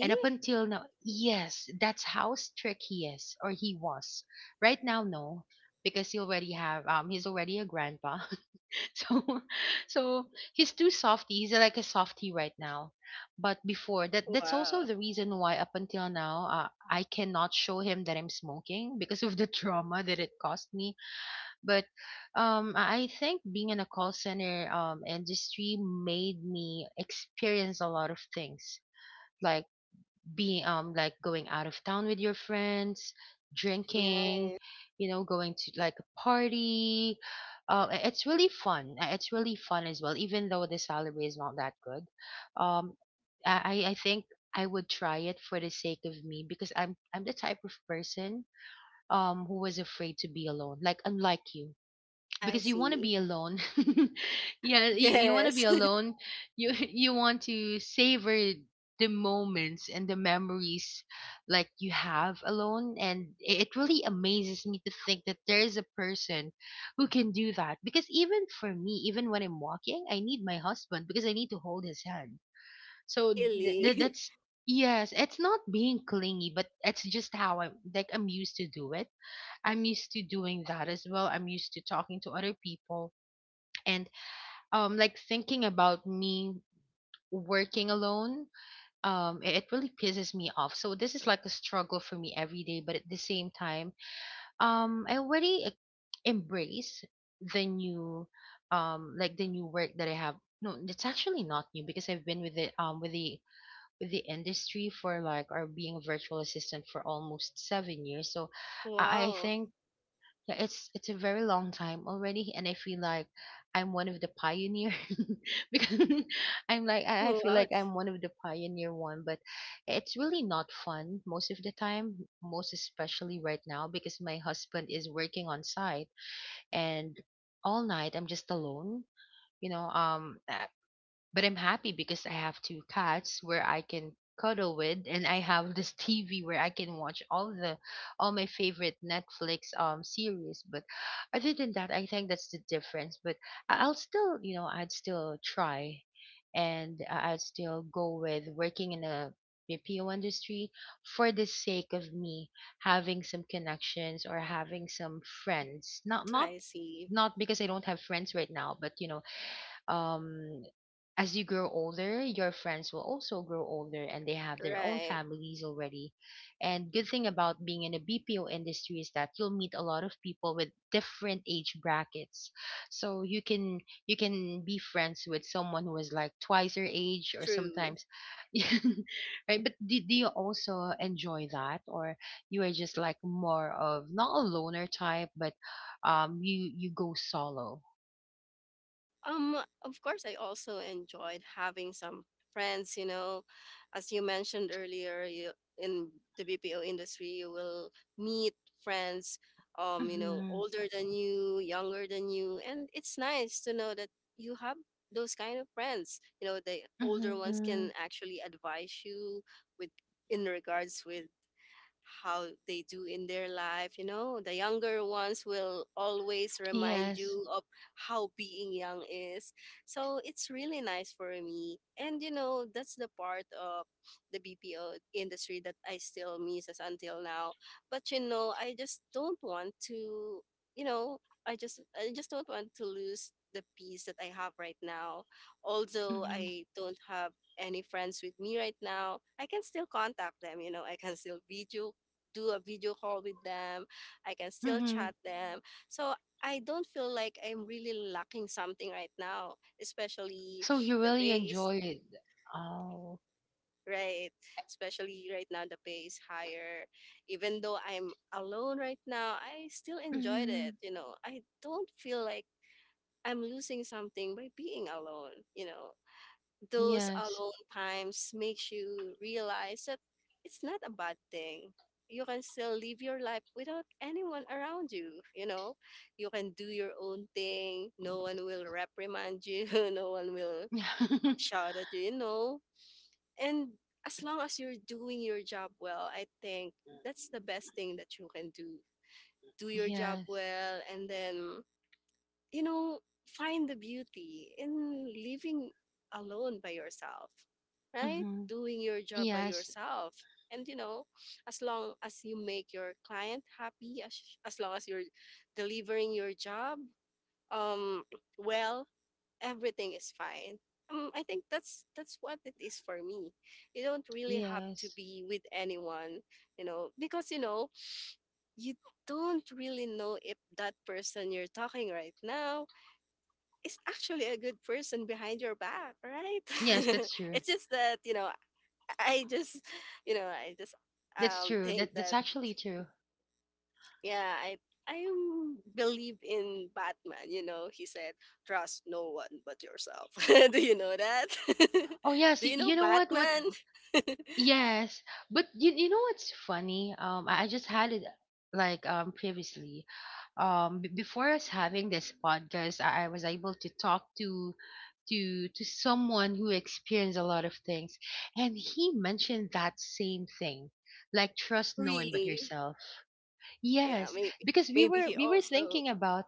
Speaker 1: And up until now, yes, that's how strict he is, or he was. Right now, no, because he already have he's already a grandpa. *laughs* So so he's too softy. He's like a softy right now. But before that, that's
Speaker 2: Wow.
Speaker 1: also the reason why up until now, I cannot show him that I'm smoking because of the *laughs* trauma that it caused me. But I think being in a call center industry made me experience a lot of things, like being like going out of town with your friends, drinking,
Speaker 2: Nice.
Speaker 1: you know, going to like a party. It's really fun. It's really fun as well, even though the salary is not that good. um I think I would try it for the sake of me, because I'm the type of person who was afraid to be alone, like unlike you,
Speaker 2: I
Speaker 1: because you want to
Speaker 2: see.
Speaker 1: be alone. *laughs* Yeah, you want to be
Speaker 2: Yes. *laughs*
Speaker 1: alone. You *laughs* you want to savor the moments and the memories like you have alone, and it really amazes me to think that there is a person who can do that. Because even for me, even when I'm walking, I need my husband because I need to hold his hand. So
Speaker 2: Really. *laughs*
Speaker 1: that's, yes, it's not being clingy, but it's just how I'm like, I'm used to do it. I'm used to doing that as well. I'm used to talking to other people, and like thinking about me working alone, it really pisses me off. So this is like a struggle for me every day, but at the same time, I already embrace the new, like the new work that I have. No, it's actually not new, because I've been with it, with the industry for like, or being a virtual assistant for almost 7 years. So I
Speaker 2: Wow.
Speaker 1: think yeah, it's a very long time already, and I feel like I'm one of the pioneer *laughs* because *laughs* I'm like I feel
Speaker 2: Wow.
Speaker 1: like I'm one of the pioneer one. But it's really not fun most of the time, most especially right now, because my husband is working on site, and all night I'm just alone. You know, but I'm happy because I have 2 cats where I can cuddle with, and I have *laughs* this TV where I can watch all the all my favorite Netflix series. But other than that, I think that's the difference. But I'll still, you know, I'd still try, and I'd still go with working in a BPO industry for the sake of me having some connections or having some friends. Not
Speaker 2: I see.
Speaker 1: not because I don't have friends right now, but you know, um as you grow older, your friends will also grow older, and they have their own
Speaker 2: Right.
Speaker 1: families already. And good thing about being in a BPO industry is that you'll meet a lot of people with different age brackets. So you can be friends with someone who is like twice your age, or
Speaker 2: True.
Speaker 1: sometimes. *laughs* Right? But do you also enjoy that, or you are just like more of not a loner type, but you go solo.
Speaker 2: Um, of course, I also enjoyed having some friends, as you mentioned earlier, you, in the BPO industry, you will meet friends,
Speaker 1: Mhm.
Speaker 2: older than you, younger than you, and it's nice to know that you have those kind of friends. You know, the older ones
Speaker 1: Mhm.
Speaker 2: can actually advise you with in regards with how they do in their life. You know, the younger ones will always remind
Speaker 1: Yes.
Speaker 2: you of how being young is. So it's really nice for me. And, that's the part of the BPO industry that I still miss as until now. But, I just don't want to, you know, I just don't want to lose the peace that I have right now. Although
Speaker 1: Mhm,
Speaker 2: I don't have any friends with me right now, I can still contact them, I can still video do a video call with them. I can still
Speaker 1: mhm.
Speaker 2: chat them. So I don't feel like I'm really lacking something right now, especially
Speaker 1: So you
Speaker 2: the
Speaker 1: really
Speaker 2: pay
Speaker 1: enjoyed. Oh.
Speaker 2: right. Especially right now the pay is higher. Even though I'm alone right now, I still enjoyed it,
Speaker 1: Mhm,
Speaker 2: you know. I don't feel like I'm losing something by being alone, you know. Those
Speaker 1: yes.
Speaker 2: alone times makes you realize that it's not a bad thing. You can still live your life without anyone around you, you know? You can do your own thing. No one will reprimand you, *laughs* no one will
Speaker 1: *laughs*
Speaker 2: shout at you, you know? And as long as you're doing your job well, I think that's the best thing that you can do. Do your job
Speaker 1: Yes.
Speaker 2: well, and then you know, find the beauty in living alone by yourself, right?
Speaker 1: Hmm.
Speaker 2: Doing your job by
Speaker 1: Yes.
Speaker 2: yourself. And as long as you make your client happy, as long as you're delivering your job, um, well, everything is fine. I think that's what it is for me. You don't really have to
Speaker 1: Yes.
Speaker 2: be with anyone, because you don't really know if that person you're talking right now is actually a good person behind your back, right?
Speaker 1: Yes,
Speaker 2: *laughs*
Speaker 1: that's true.
Speaker 2: It's just that I just you know I just
Speaker 1: That's true.
Speaker 2: think
Speaker 1: That that's
Speaker 2: that
Speaker 1: actually true.
Speaker 2: yeah, I believe in Batman. You know he said trust no one but yourself. *laughs* Do you know that?
Speaker 1: Oh
Speaker 2: *laughs*
Speaker 1: yes,
Speaker 2: Do you know
Speaker 1: you know what? What?
Speaker 2: Batman? *laughs*
Speaker 1: Yes, but you know what's funny? I just had it like previously. Before us having this podcast, I was able to talk to to someone who experienced a lot of things, and he mentioned that same thing, like trust no one but
Speaker 2: Really?
Speaker 1: yourself.
Speaker 2: Yeah,
Speaker 1: Yes,
Speaker 2: maybe
Speaker 1: because we
Speaker 2: maybe
Speaker 1: were
Speaker 2: he
Speaker 1: we were
Speaker 2: also
Speaker 1: thinking about,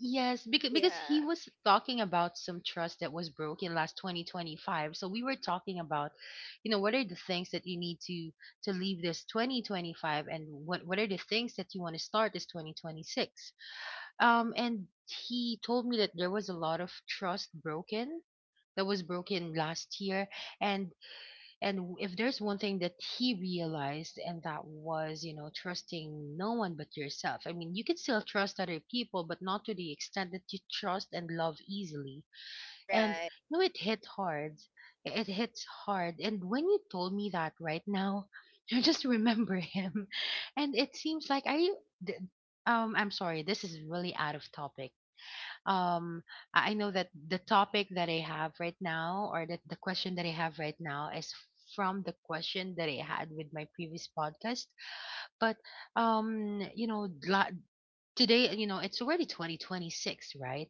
Speaker 1: yes, because he
Speaker 2: yeah,
Speaker 1: was talking about some trust that was broken last 2025, so we were talking about, you know, what are the things that you need to leave this 2025, and what are the things that you want to start this 2026. And he told me that there was a lot of trust broken, that was broken last year. and and if there's one thing that he realized, and that was, you know, trusting no one but yourself. I mean, you can still trust other people, but not to the extent that you trust and love easily. And
Speaker 2: right,
Speaker 1: you know, it hit hard, it hits hard, and when you told me that right now *laughs* I just remember him. *laughs* And it seems like, are you d- I'm sorry, this is really out of topic. um I know that the topic that I have right now, or that the question that I have right now, is from the question that I had with my previous podcast. But you know, today, you know, it's already 2026, right?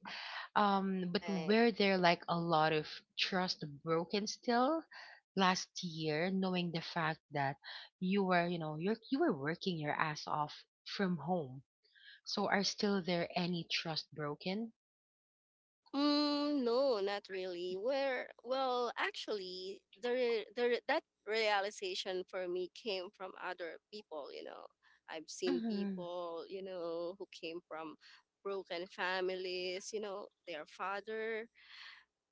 Speaker 1: But
Speaker 2: right.
Speaker 1: were there like a lot of trust broken still last year, knowing the fact that you were, you know, you were working your ass off from home? So are still there any trust broken?
Speaker 2: Mm, no, not really. Well, actually, that realization for me came from other people, you know. I've seen
Speaker 1: Mm-hmm.
Speaker 2: people, who came from broken families, you know, their father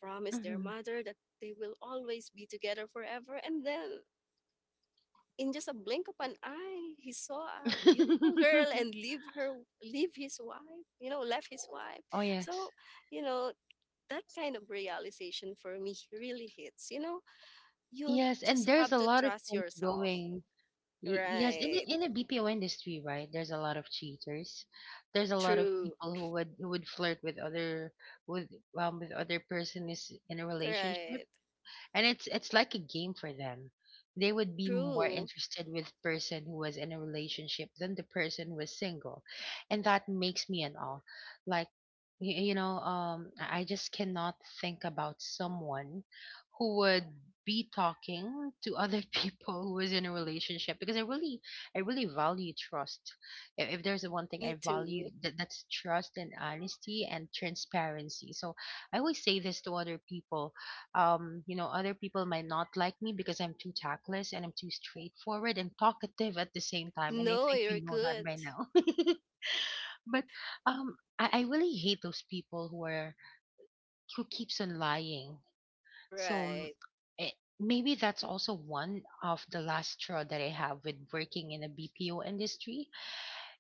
Speaker 2: promised their mother that they will always be together forever. And then in just a blink of an eye, he saw a beautiful girl and
Speaker 1: *laughs*
Speaker 2: leave her, leave his wife, you know, left his wife.
Speaker 1: Oh yes,
Speaker 2: So, you know, that kind of realization for me really hits. You know, you
Speaker 1: yes, and
Speaker 2: just
Speaker 1: there's
Speaker 2: have
Speaker 1: a
Speaker 2: to
Speaker 1: lot of
Speaker 2: trust
Speaker 1: things
Speaker 2: yourself.
Speaker 1: going. Yes,
Speaker 2: Right.
Speaker 1: in the BPO industry, right? There's a lot of cheaters. There's a
Speaker 2: *laughs*
Speaker 1: lot of
Speaker 2: True.
Speaker 1: people who would flirt with other, with with other person is in a relationship,
Speaker 2: Right.
Speaker 1: and it's like a game for them. They would be more
Speaker 2: True.
Speaker 1: interested with person who was in a relationship than the person who was single, and that makes me an all. Like, you know, I just cannot think about someone who would be talking to other *laughs* people who is in a relationship, because I really value trust. If there's one thing
Speaker 2: Me
Speaker 1: I
Speaker 2: too.
Speaker 1: value, that's trust and honesty and transparency. So I always say this to other people, you know, other people might not like me because I'm too tactless and I'm too straightforward and talkative at the same time. And I
Speaker 2: No,
Speaker 1: think
Speaker 2: you're
Speaker 1: you know that
Speaker 2: good.
Speaker 1: by now. *laughs* But I really hate those people who are who keeps on lying. So
Speaker 2: Right.
Speaker 1: eh, maybe that's also one of the last straw that I have with working in a BPO industry,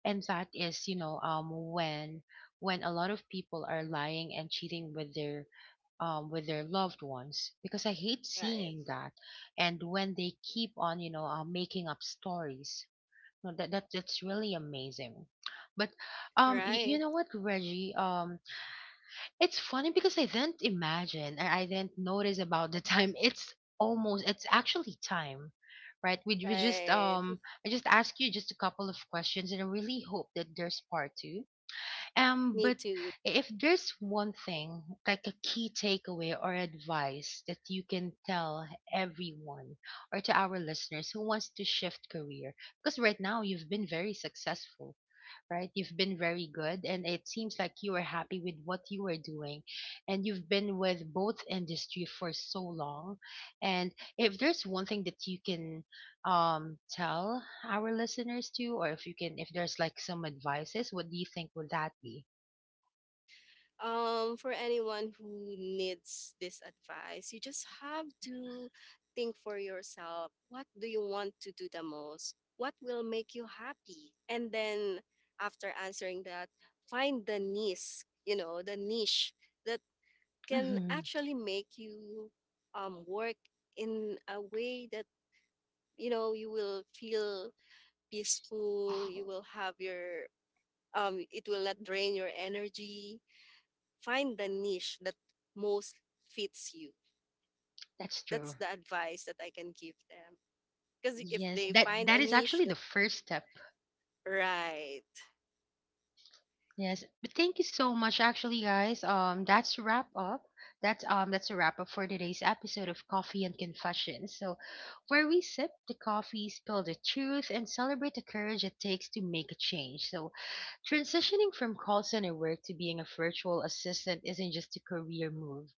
Speaker 1: and that is, you know, when a lot of people are lying and cheating with their loved ones, because I hate
Speaker 2: Right.
Speaker 1: seeing that. And when they keep on, you know, making up stories, no, that's really amazing. But you
Speaker 2: Right.
Speaker 1: know what, Reggie? It's funny because I didn't imagine, I didn't notice about the time. *laughs* It's almost, it's actually time. Right, we just
Speaker 2: Right.
Speaker 1: I just asked you just a couple of questions, and I really hope that there's part two.
Speaker 2: Me
Speaker 1: But
Speaker 2: too.
Speaker 1: if there's one thing, like a key takeaway or advice that you can tell everyone, or to our listeners who wants to shift career, because right now you've been very successful, right? You've been very good, and it seems like you are happy with what you are doing, and you've been with both industry for so long. And if there's one thing that you can tell our listeners to, or if you can, if there's like some advices, what do you think would that be?
Speaker 2: For anyone who needs this advice, you just have to think for yourself, what do you want to do the most? What will make you happy? And then, after answering that, find the niche, the niche that can
Speaker 1: Hmm.
Speaker 2: actually make you work in a way that, you will feel peaceful, you will have your, it will not drain your energy, find the niche that most fits you.
Speaker 1: That's
Speaker 2: That's
Speaker 1: true.
Speaker 2: the advice that I can give them. Because if
Speaker 1: Yes,
Speaker 2: they
Speaker 1: that
Speaker 2: find a
Speaker 1: that is
Speaker 2: niche
Speaker 1: actually
Speaker 2: that,
Speaker 1: the first step.
Speaker 2: right.
Speaker 1: Yes, but thank you so much, actually, guys. That's a wrap up. That's a wrap up for today's episode of Coffee and Confessions. So, where we sip the coffee, spill the truth, and celebrate the courage it takes to make a change. So, transitioning from call center work to being a virtual assistant isn't just a career move;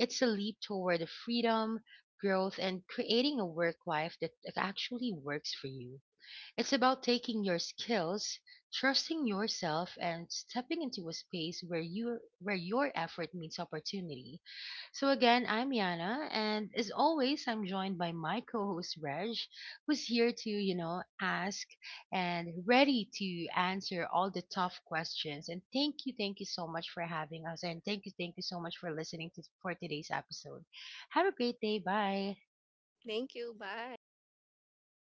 Speaker 1: it's a leap toward the freedom, growth, and creating a work life that actually works for you. It's about taking your skills, trusting yourself, and stepping into a space where you where your effort meets opportunity. So again, I'm Yana, and as always, I'm joined by my co-host Reg, who's here to, you know, ask and ready to answer all the tough questions. And thank you so much for having us, and thank you so much for listening to for today's episode. Have a great day. Bye.
Speaker 2: Thank you. Bye.